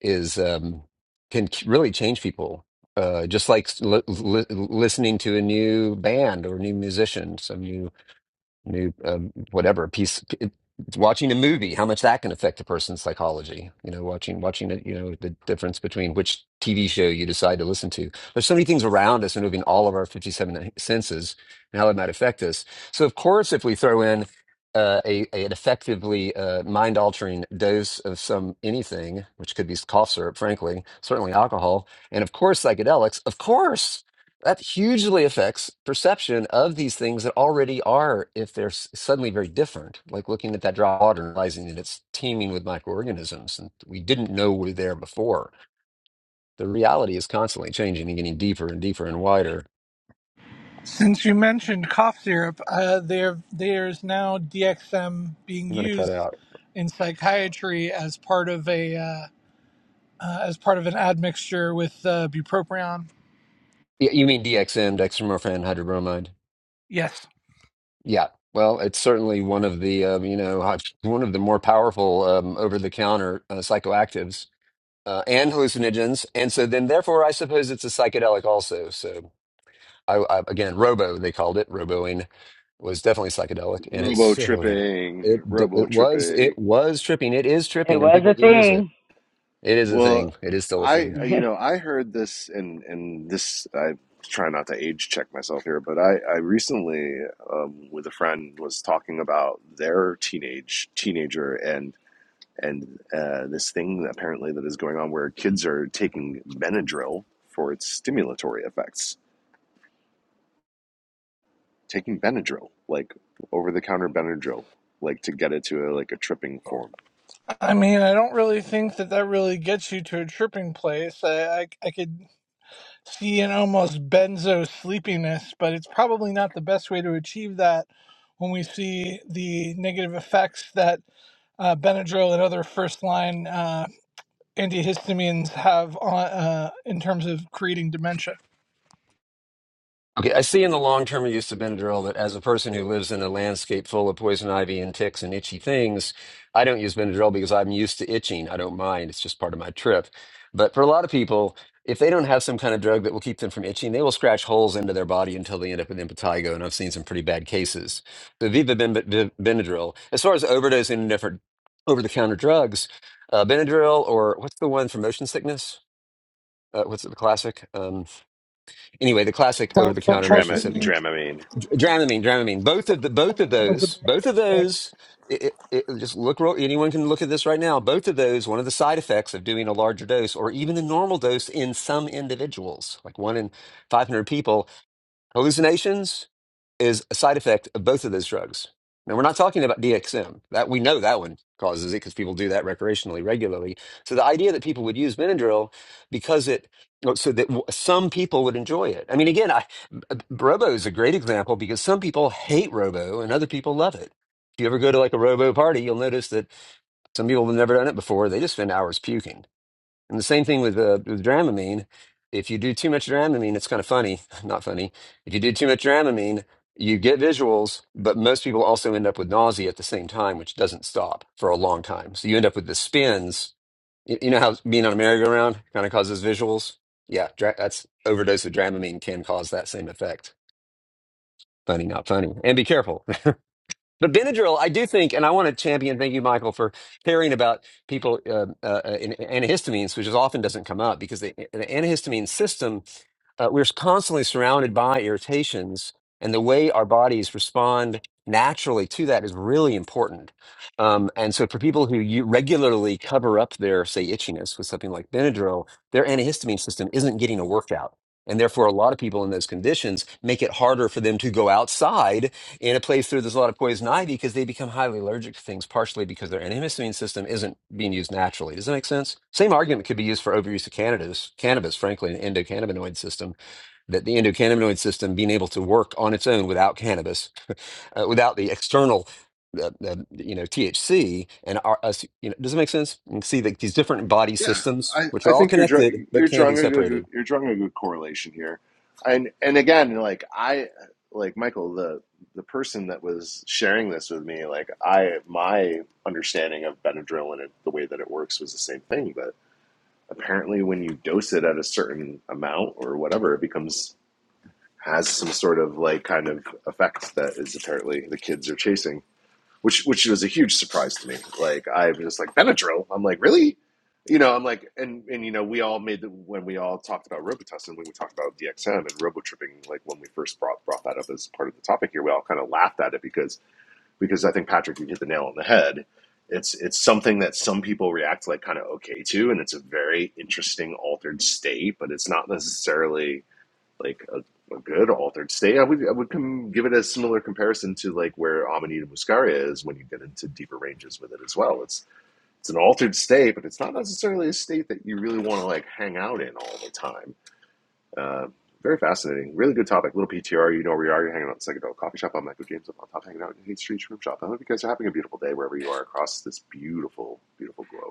B: is um, can c- really change people. Uh, just like li- li- listening to a new band or new musician, some new new um, whatever piece it- watching a movie how much that can affect a person's psychology you know watching watching it you know the difference between which tv show you decide to listen to there's so many things around us removing all of our 57 uh, senses and how it might affect us so of course if we throw in uh, a, a- an effectively uh, mind altering dose of some anything which could be cough syrup frankly certainly alcohol and of course psychedelics of course that hugely affects perception of these things that already are, if they're s- suddenly very different, like looking at that drop of water and realizing that it's teeming with microorganisms and we didn't know were there before. The reality is constantly changing and getting deeper and deeper and wider.
C: Since you mentioned cough syrup, uh, there there's now DXM being
B: I'm going to cut
C: used
B: out.
C: in psychiatry as part of a uh, uh, as part of an admixture with uh, bupropion.
B: Yeah, you mean DXM, dextromorphan hydrobromide?
C: Yes,
B: Yeah. Well, it's certainly one of the um, you know hot- one of the more powerful um, over-the-counter uh, psychoactives uh, and hallucinogens, and so then therefore I suppose it's a psychedelic also. So I, I again, Robo they called it. Roboing was definitely psychedelic, and it's oh yeah, it d- it was it was tripping. It is
D: It
B: tripping, and
D: was a
B: people do use it.
D: thing.
B: It is a thing. It is still a thing.
C: I mean I don't really think that that really gets you to a tripping place. I I, I could see an almost benzo sleepiness, but it's probably not the best way to achieve that. When we see the negative effects that uh, Benadryl and other first line uh, antihistamines have on uh, in terms of creating dementia.
B: Okay, I see in the long term use of Benadryl that as a person who lives in a landscape full of poison ivy and ticks and itchy things, I don't use Benadryl because I'm used to itching. I don't mind. It's just part of my trip. But for a lot of people, if they don't have some kind of drug that will keep them from itching, they will scratch holes into their body until they end up with impetigo. And I've seen some pretty bad cases. So Viva Ben- Ben- Benadryl, as far as overdosing and different over the counter drugs, uh, Benadryl or what's the one for motion sickness? Uh, what's it, the classic? Um, anyway, the classic over the counter motion sickness
C: Diphenhydramine
B: Dramamine, Dramamine. Both of the both of
C: was a
B: those, both of
C: bit.
B: those. It, it, it, just look. real- Anyone can look at this right now. Both of those. One of the side effects of doing a larger dose, or even the normal dose, in some individuals, like one in five hundred people, hallucinations is a side effect of both of those drugs. Now, we're not talking about DXM. That we know that one causes it because people do that recreationally regularly. So the idea that people would use Benadryl because it well, so that w- some people would enjoy it. I mean, again, I, Robo is a great example because some people hate Robo and other people love it. If you ever go to like a Robo party, you'll notice that some people have never done it before. They just spend hours puking and the same thing with uh, with Dramamine. If you do too much Dramamine, it's kind of funny, not funny. If you do too much Dramamine, you get visuals, but most people also end up with nausea at the same time, which doesn't stop for a long time. So you end up with the spins. You, you know how being on a merry-go-round kind of causes visuals? Yeah, dra- that's overdose of Dramamine can cause that same effect. Funny, not funny. And be careful. But Benadryl, I do think, and I want to champion. Thank you, Michael, for caring about people uh, uh, uh, in antihistamines, which is often doesn't come up because the, the antihistamine system uh, we're constantly surrounded by irritations, and the way our bodies respond naturally to that is really important. Um, and so, for people who you regularly cover up their, say, itchiness with something like Benadryl, their antihistamine system isn't getting a workout. And therefore, a lot of people in those conditions make it harder for them to go outside and it plays through there's a lot of poison ivy because they become highly allergic to things, partially because their antihistamine system isn't being used naturally. Does that make sense? Same argument could be used for overuse of cannabis, cannabis, frankly, an endocannabinoid system, that the endocannabinoid system being able to work on its own without cannabis, uh, without the external. Uh, uh, you know THC and our, us. You know, does it make sense? You can see like these different body systems, which are all connected but can be separated.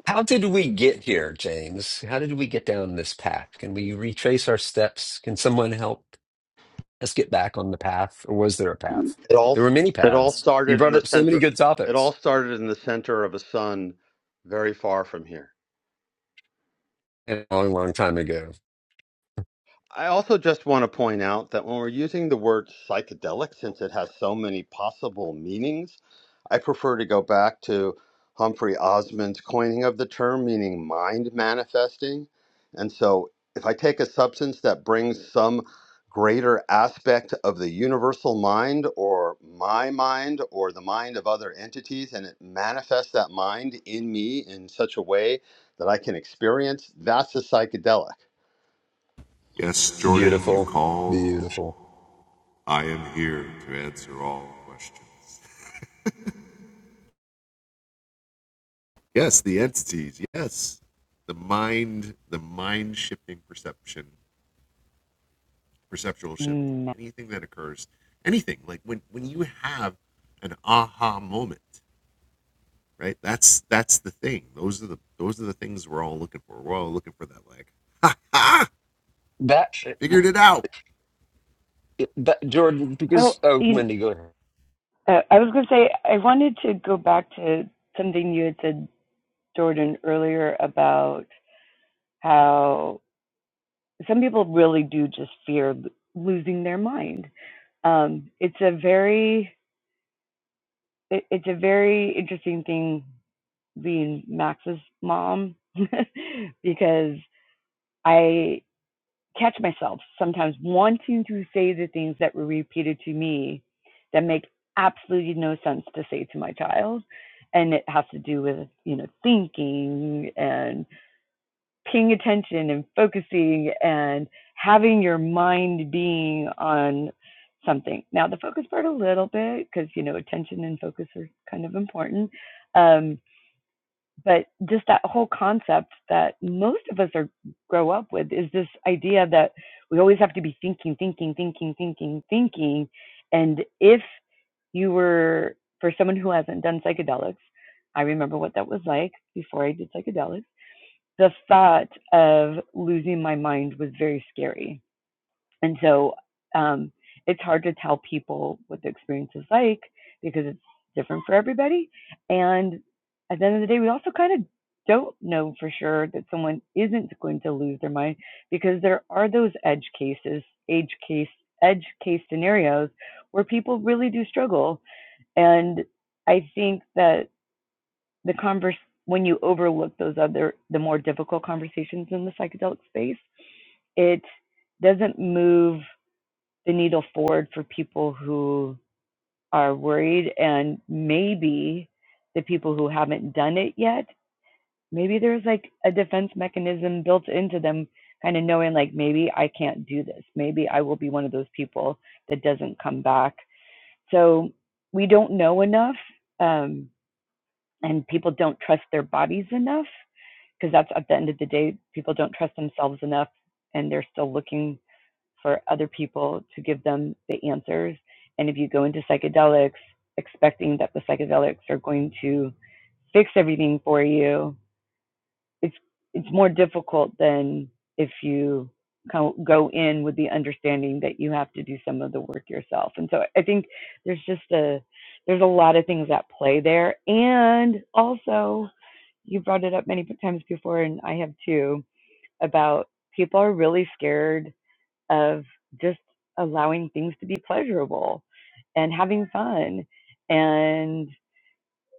B: How did we get here, James? How did we get down this path? Can we retrace our steps? Can someone help us get back on the path? Or was there a path?
E: It all
B: There were many
E: it all
B: paths. You
E: started in
B: brought
E: the
B: up so many
E: center.
B: good
E: It all
B: topics
E: started in the center of a sun, very far.
B: a long, long time ago.
E: I also just want to point out that when we're using the word psychedelic, since it has so many possible meanings, I prefer to go back to Humphrey Osmond's coining of the term, meaning mind manifesting. And so if I take a substance that brings some greater aspect of the universal mind or my mind or the mind of other entities and it manifests that mind in such a way that I can't, that's a psychedelic.
B: Beautiful. Beautiful.
D: Mm.
B: That, but Jordan,
D: oh,
B: because, oh,
D: you,
B: Wendy, go ahead.
D: uh, I was going to say, I wanted to go back to something you had said, Jordan, earlier about how some people really do just fear losing their mind. Um, it's a very, it, it's a very interesting thing being Max's mom because I catch myself sometimes wanting to say the things that were repeated to me that make absolutely no sense to say to my child. And it has to do with, you know, thinking and paying attention and focusing and having your mind being on something. Now, the focus part a little bit, because, you know, attention and focus are kind of important. Um, but just that whole concept that most of us are grow up with is this idea that we always have to be thinking thinking thinking thinking thinking and if you were for someone who hasn't done psychedelics i remember what that was like before i did psychedelics the thought of losing my mind was very scary and so um, it's hard to tell people what the experience is like because it's different for everybody. And at the end of the day, we also kind of don't know for sure that someone isn't going to lose their mind because there are those edge cases, edge case, edge case scenarios where people really do struggle. And I think that the converse when you overlook those other the more difficult conversations in the psychedelic space, it doesn't move the needle forward for people who are worried and maybe the people who haven't done it yet maybe there's like a defense mechanism built into them kind of knowing like maybe i can't do this maybe i will be one of those people that doesn't come back so we don't know enough um, and people don't trust their bodies enough because that's at the end of the day people don't trust themselves enough and they're still looking for other people to give them the answers. And if you go into psychedelics expecting that the psychedelics are going to fix everything for you, it's it's more difficult than if you go in with the understanding that you have to do some of the work yourself. And so I think there's just a there's a lot of things at play there. And also, you brought it up many times before, and I have too, about people are really scared of just allowing things to be pleasurable and having fun. And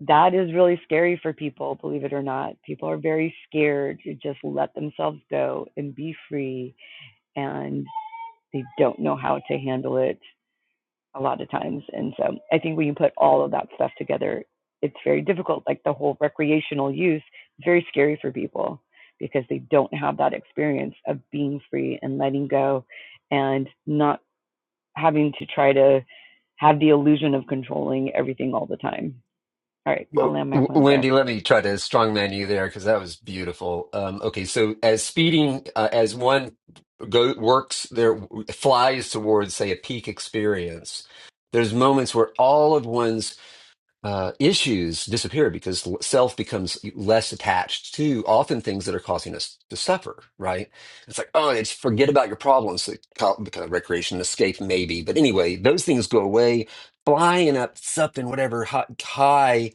D: that is really scary for people, believe it or not. People are very scared to just let themselves go and be free, and they don't know how to handle it a lot of times. And so I think when you put all of that stuff together, it's very difficult. Like the whole recreational use, it's very scary for people because they don't have that experience of being free and letting go and not having to try to have the illusion of controlling everything all the time. All right, I'll
B: Well,
D: land my
B: W-
D: plane there.
B: Wendy, let me try to strongman you there because that was beautiful. Um, okay, so as speeding, uh, as one go works there, flies towards, say, a peak experience, there's moments where all of one's uh, issues disappear because l- self becomes less attached to often things that are causing us to suffer, right? It's like, oh, it's forget about your problems, like, co- kind of recreation, escape, maybe. But anyway, those things go away. Flying up, something, whatever, hi- high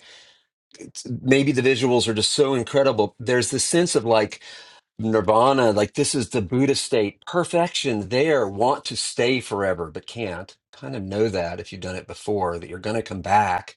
B: maybe the visuals are just so incredible. There's this sense of like nirvana, like this is the Buddha state, perfection there, want to stay forever, but can't. Kind of know that if you've done it before, that you're going to come back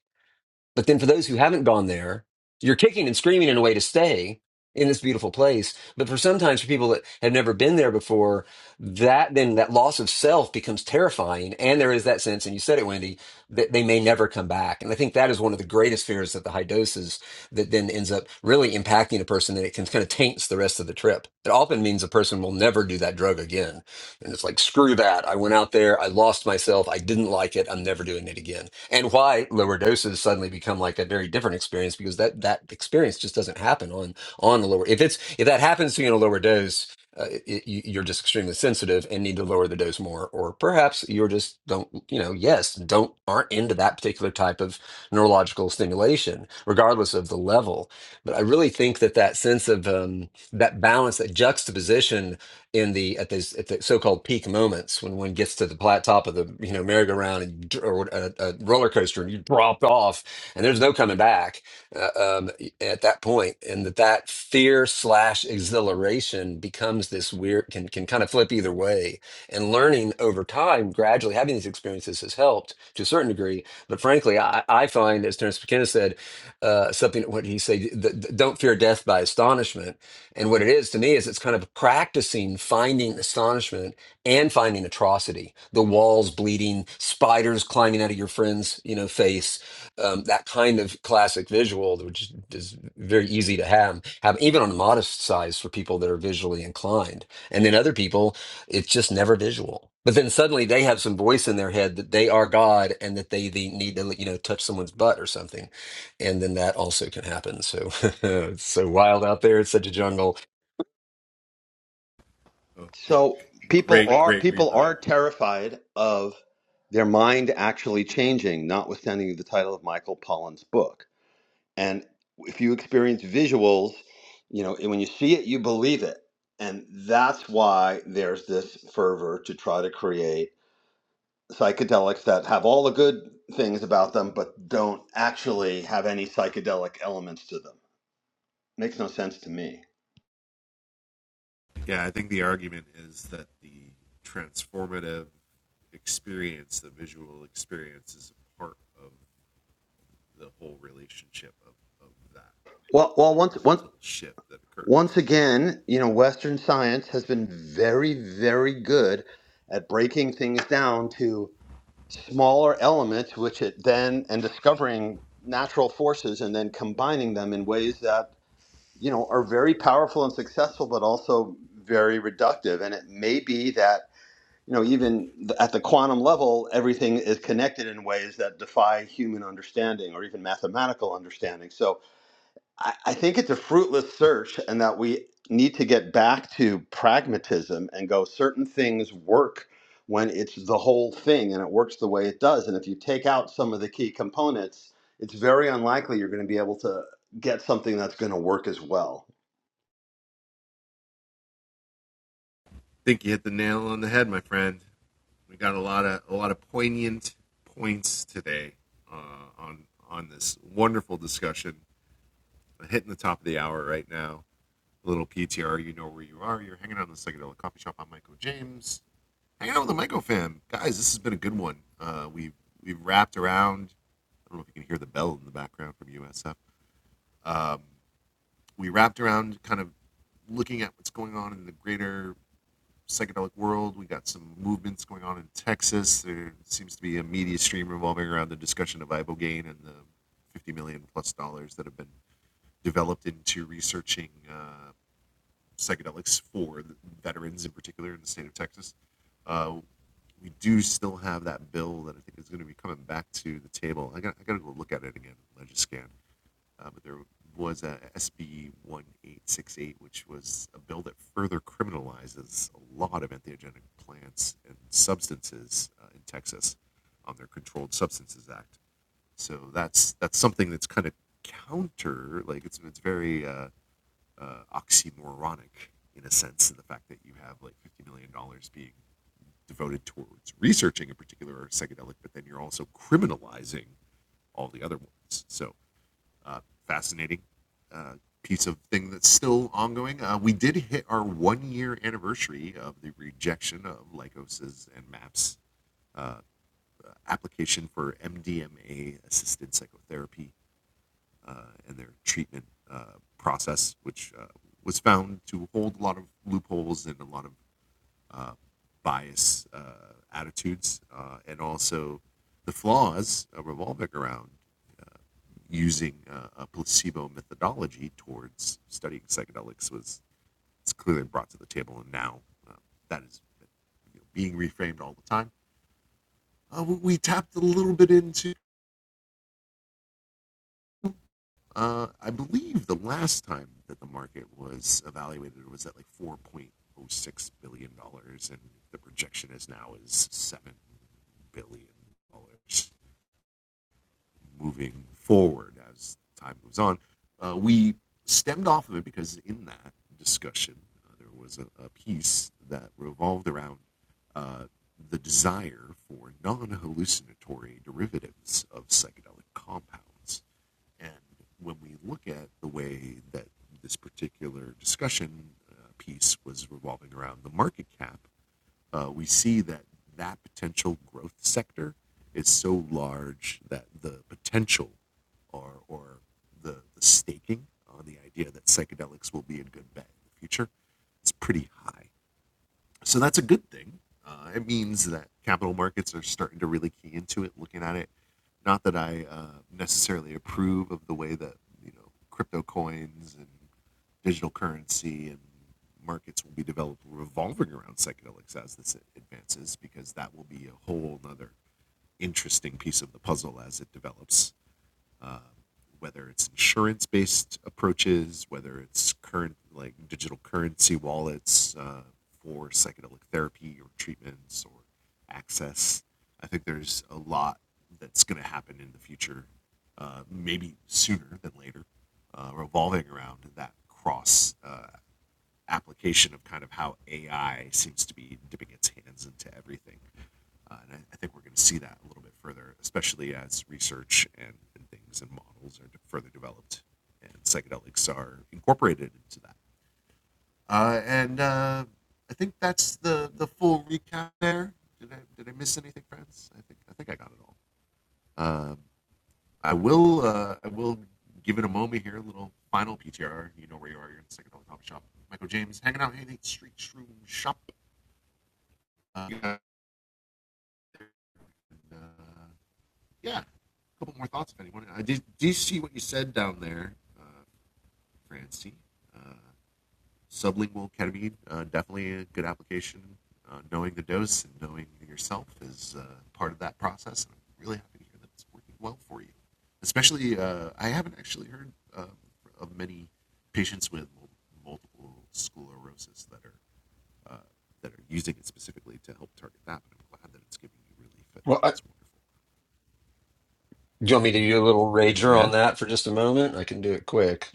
B: but then for those who haven't gone there, you're kicking and screaming in a way to stay in this beautiful place. But for sometimes for people that have never been there before, that then that loss of self becomes terrifying. And there is that sense, and you said it, Wendy, that they may never come back. And I think that is one of the greatest fears that the high doses that then ends up really impacting a person that it can kind of taints the rest of the trip. It often means a person will never do that drug again and it's like, screw that. I went out there, I lost myself, I didn't like it, I'm never doing it again. And why lower doses suddenly become like a very different experience because that that experience just doesn't happen on on a lower. If it's if that happens to you in a lower dose, uh, it, it- you- you're just extremely sensitive and need to lower the dose more, or perhaps you're just don't you know yes don't aren't into that particular type of neurological stimulation, regardless of the level. But I really think that that sense of um, that balance, that juxtaposition in the at those at the so-called peak moments when one gets to the plat top of the you know merry-go-round and you dr- or a, a roller coaster and you drop off and there's no coming back uh, um, at that point and that that fear slash exhilaration becomes this weird can can kind of flip either way and learning over time gradually having these experiences has helped to a certain degree but frankly I, I find as Terence McKenna said uh, something what he say th- th- don't fear death by astonishment and what it is to me is it's kind of practicing finding astonishment and finding atrocity, the walls bleeding, spiders climbing out of your friend's you know face, um, that kind of classic visual, which is very easy to have, have even on a modest size for people that are visually inclined. And then other people, it's just never visual. But then suddenly they have some voice in their head that they are God and that they, they need to you know touch someone's butt or something and then that also can happen. So it's so wild out there. It's such a jungle
E: So people are people are terrified of their mind actually changing, notwithstanding the title of Michael Pollan's book. And if you experience visuals, you know, and when you see it, you believe it. And that's why there's this fervor to try to create psychedelics that have all the good things about them, but don't actually have any psychedelic elements to them. Makes no sense to me. Well, well, once once Once again, you know, Western science has been very, very good at breaking things down to smaller elements, which it then, and discovering natural forces and then combining them in ways that, you know, are very powerful and successful, but also very reductive. And it may be that, you know, even th- at the quantum level, everything is connected in ways that defy human understanding or even mathematical understanding. So, I, I think it's a fruitless search and that we need to get back to pragmatism and go certain things work when it's the whole thing and it works the way it does. And if you take out some of the key components, it's very unlikely you're going to be able to get something that's going to work as well.
B: Well, I, do you want me to do a little rager on that for just a moment? I can do it quick.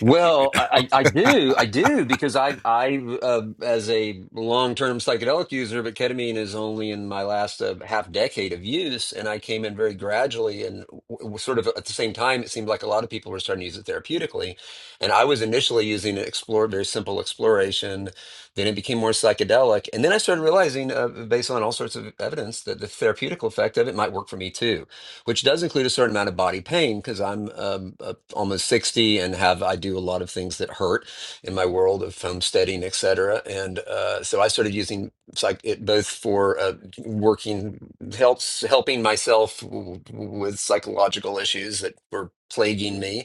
B: Well, I, I I do, I do, because I, I, uh, as a long-term psychedelic user, but ketamine is only in my last uh, half decade of use, and I came in very gradually, and w- w- sort of at the same time, it seemed like a lot of people were starting to use it therapeutically, and I was initially using it, explore, very simple exploration, then it became more psychedelic, and then I started realizing, uh, based on all sorts of evidence, that the therapeutic effect of it might work for me too. which does include a certain amount of body pain because I'm um, uh, almost 60 and have I do a lot of things that hurt in my world of homesteading, et cetera. And uh, so I started using psych it both for uh, working helps helping myself w- w- with psychological issues that were plaguing me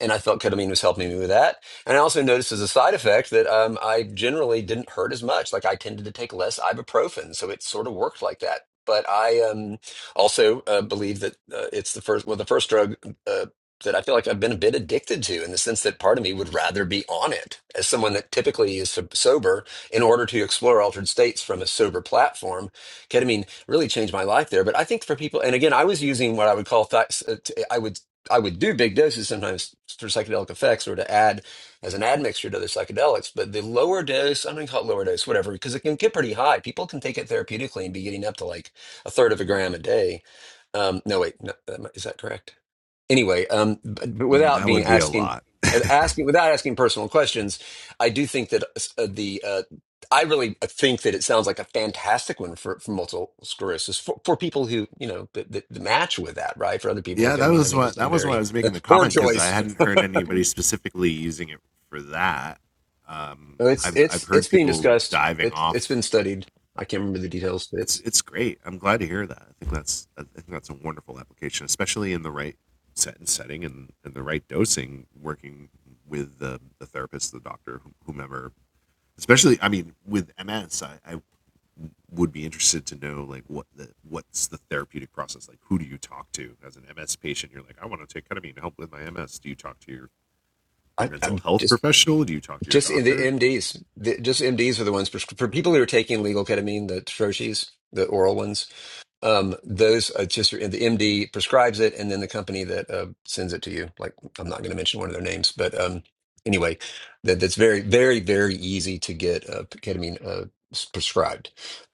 B: and I felt ketamine was helping me with that. And I also noticed as a side effect that um, I generally didn't hurt as much. Like I tended to take less ibuprofen, so it sort of worked like that. But I um, also uh, believe that uh, it's the first, well, the first drug uh, that I feel like I've been a bit addicted to, in the sense that part of me would rather be on it as someone that typically is sob- sober in order to explore altered states from a sober platform. Ketamine really changed my life there. But I think for people, and again, I was using what I would call, th- I would I would do big doses sometimes for psychedelic effects or to add as an admixture to other psychedelics, but the lower dose, I'm going to call it lower dose, whatever, because it can get pretty high. People can take it therapeutically and be getting up to like a third of a gram a day. Um, no, wait, no, that might- is that correct? anyway, um, but, but without being asking, uh, asking without asking personal questions, I do think that uh, the uh, I really uh, think that it sounds like a fantastic one for, for multiple sclerosis for, for people who you know that, that, that match with that, right? For other people, I mean, I think it's a very poor choice. it's it's it's being discussed. It's it's been studied. I can't remember the details, but it's I, I'm just just in the MDs. The, just MDs are the ones for, for people who are taking legal ketamine, the Troches, the oral ones Um, those uh, just the MD prescribes it, and then the company that uh, sends it to you. Like I'm not going to mention one of their names, but um, anyway, that that's very, very, very easy to get uh, ketamine uh, s- prescribed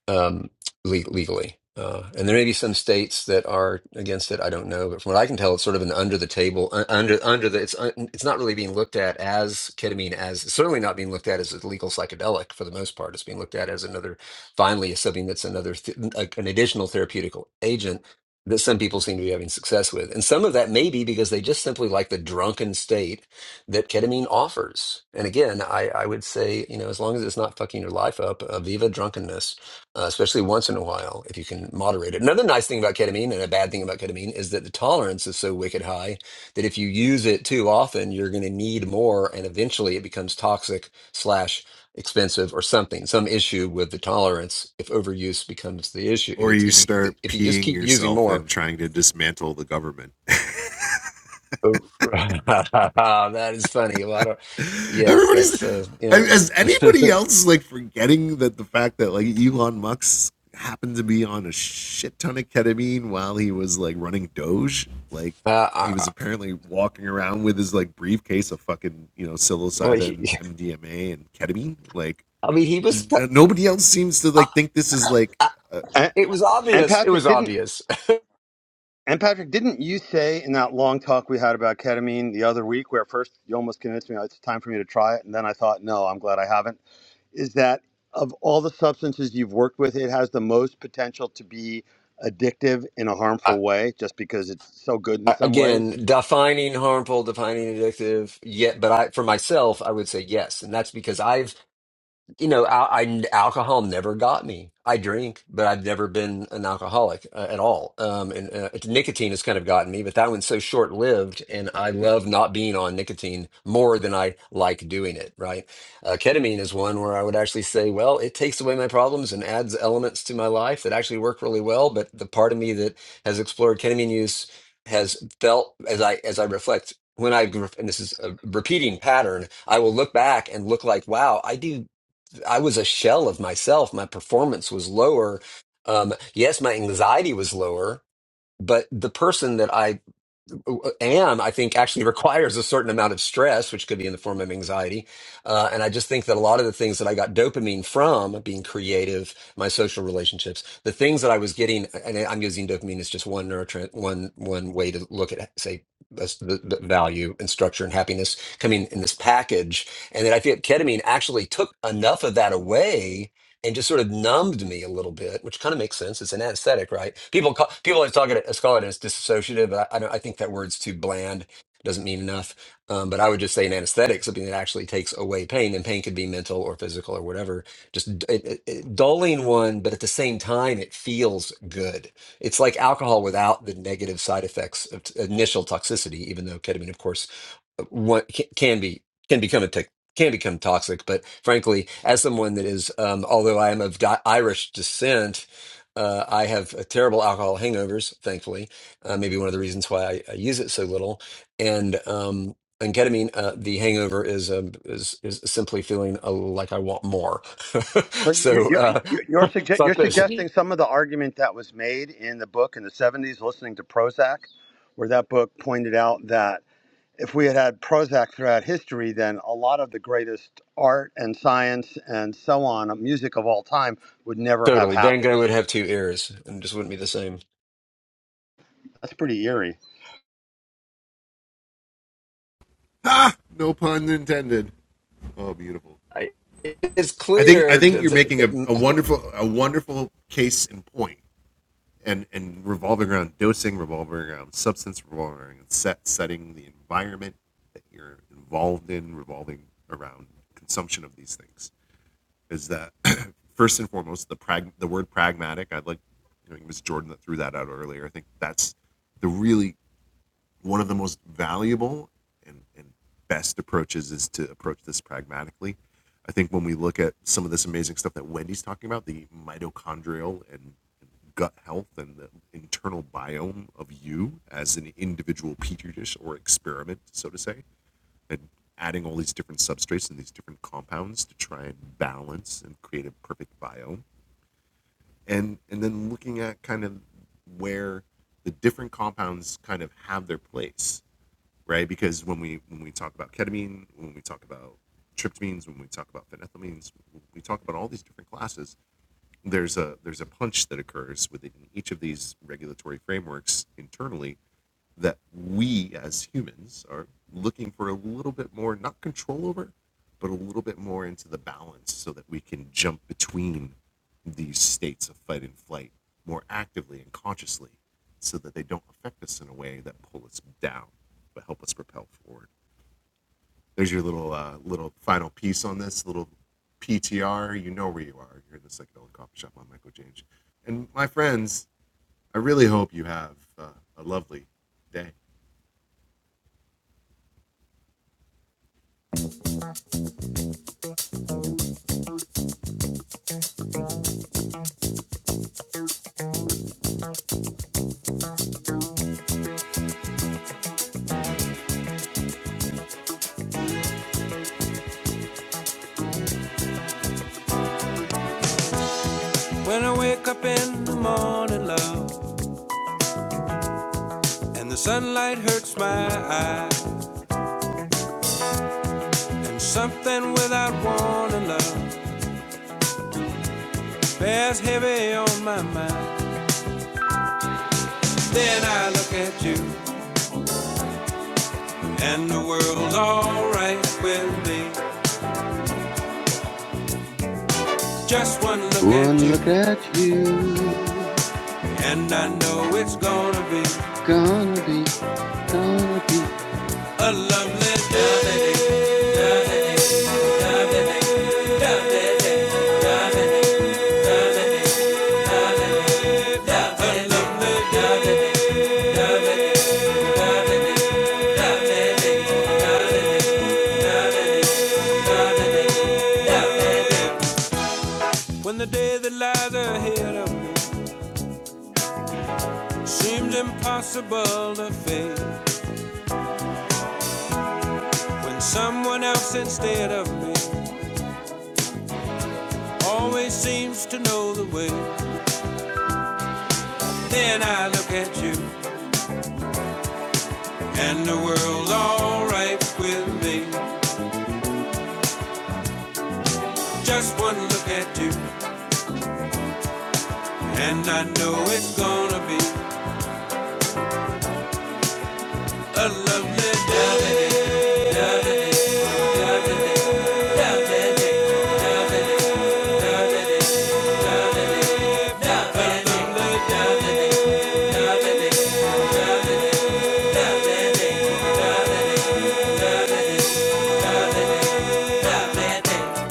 B: um, le- legally. Uh, and there may be some states that are against it. I don't know, but from what I can tell, it's sort of an under the table, uh, under under the. It's uh, it's not really being looked at as ketamine as it's certainly not being looked at as a legal psychedelic for the most part. It's being looked at as another finally is something that's another th- a- an additional therapeutic agent that some people seem to be having success with and some of that may be because they just simply like the drunken state that ketamine offers and again i, I would say you know as long as it's not fucking your life up uh, viva drunkenness uh, especially once in a while if you can moderate it another nice thing about ketamine and a bad thing about ketamine is that the tolerance is so wicked high that if you use it too often you're going to need more and eventually it becomes toxic slash expensive or something, some issue with the tolerance if overuse becomes the issue. If it's if you if you just keep using more, that is funny. A lot of yes, that's uh, yeah. uh, I, I well, he- I mean, he was. uh, I, I,
E: And,
B: it was
E: and
B: obvious. It
E: Patrick
B: was
E: didn't.
B: obvious.
E: And Patrick, didn't you say in that long talk we had about ketamine the other week, where first you almost convinced me "Oh, it's time for me to try it, and then I thought, no, I'm glad I haven't. is that of all the substances you've worked with, it has the most potential to be addictive in a
B: I,
E: harmful way, just because it's so good in
B: I,
E: some ways.
B: again, defining harmful, defining addictive. Yet, but I for myself, I would say yes, and that's because I've you know, al- I, alcohol never got me. I drink, but I've never been an alcoholic uh, at all. Um, and uh, it's- nicotine has kind of gotten me, but that one's so short lived, and I love not being on nicotine more than I like doing it. Right? Uh, ketamine is one where I would actually say, well, it takes away my problems and adds elements to my life that actually work really well. But the part of me that has explored ketamine use has felt as I as I reflect. When I, gr- and this is a repeating pattern, I will look back and look like, wow, I do I was a shell of myself. My performance was lower. Um, yes, my anxiety was lower, but the person that I and I think actually requires a certain amount of stress, which could be in the form of anxiety. Uh, and I just think that a lot of the things that I got dopamine from being creative, my social relationships, the things that I was getting, and I'm using dopamine as just one neurotrans one one way to look at say that's the, the value and structure and happiness coming in this package, and then I think ketamine actually took enough of that away and just sort of numbed me a little bit, which kind of makes sense. It's an anesthetic, right? People call, people always talk it, call it as dissociative. I, I don't. I think that word's too bland. Doesn't mean enough. Um, but I would just say an anesthetic, something that actually takes away pain, and pain could be mental or physical or whatever. Just d- it, it, it- dulling one, but at the same time, it feels good. It's like alcohol without the negative side effects of t- initial toxicity, even though ketamine, of course, uh, what ca- can be can become addictive can become toxic. But frankly, as someone that is, um, although I am of di- Irish descent, uh, I have a terrible alcohol hangovers. Thankfully, uh, maybe one of the reasons why I, I use it so little. And um, and ketamine, uh, the hangover is um, is is simply feeling uh, like I want more.
E: So you,
B: so
E: you,
B: uh,
E: you- you're sugge- you're
B: fuck this.
E: suggesting some of the argument that was made in the book in the '70s, listening to Prozac, where that book pointed out that if we had had Prozac throughout history, then a lot of the greatest art and science and so on, music of all time, would never have
B: Totally, Van Gogh
E: happened.
B: would have two ears and just wouldn't be the same.
E: That's pretty eerie.
B: I, it's clear.
A: When I wake up in the morning, love, and the sunlight hurts my eyes. And something without warning, love, bears heavy on my mind. Then I look at you, and the world's alright with me. Just one look at
E: One
A: you,
E: look at you.
A: and I know it's gonna be.
E: Gonna be, gonna be.
A: Yeah. When the day that lies ahead of me seems impossible to face, when someone else instead of me always seems to know the way, then I look at you. and the world's alright with me. Just one look at you, and I know it's gonna be a lovely day. Lovely day.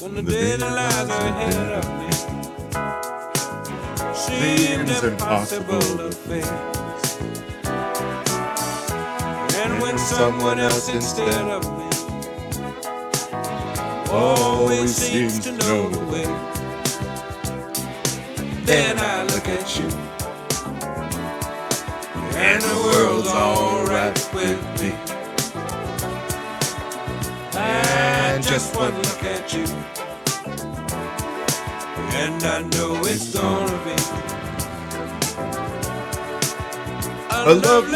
A: When the day that lies ahead of me seemed impossible to face, and when someone else instead of me always seems to know the way, then I look at you, and the world's alright with me. And just one look at you. And I know it's gonna be a lovely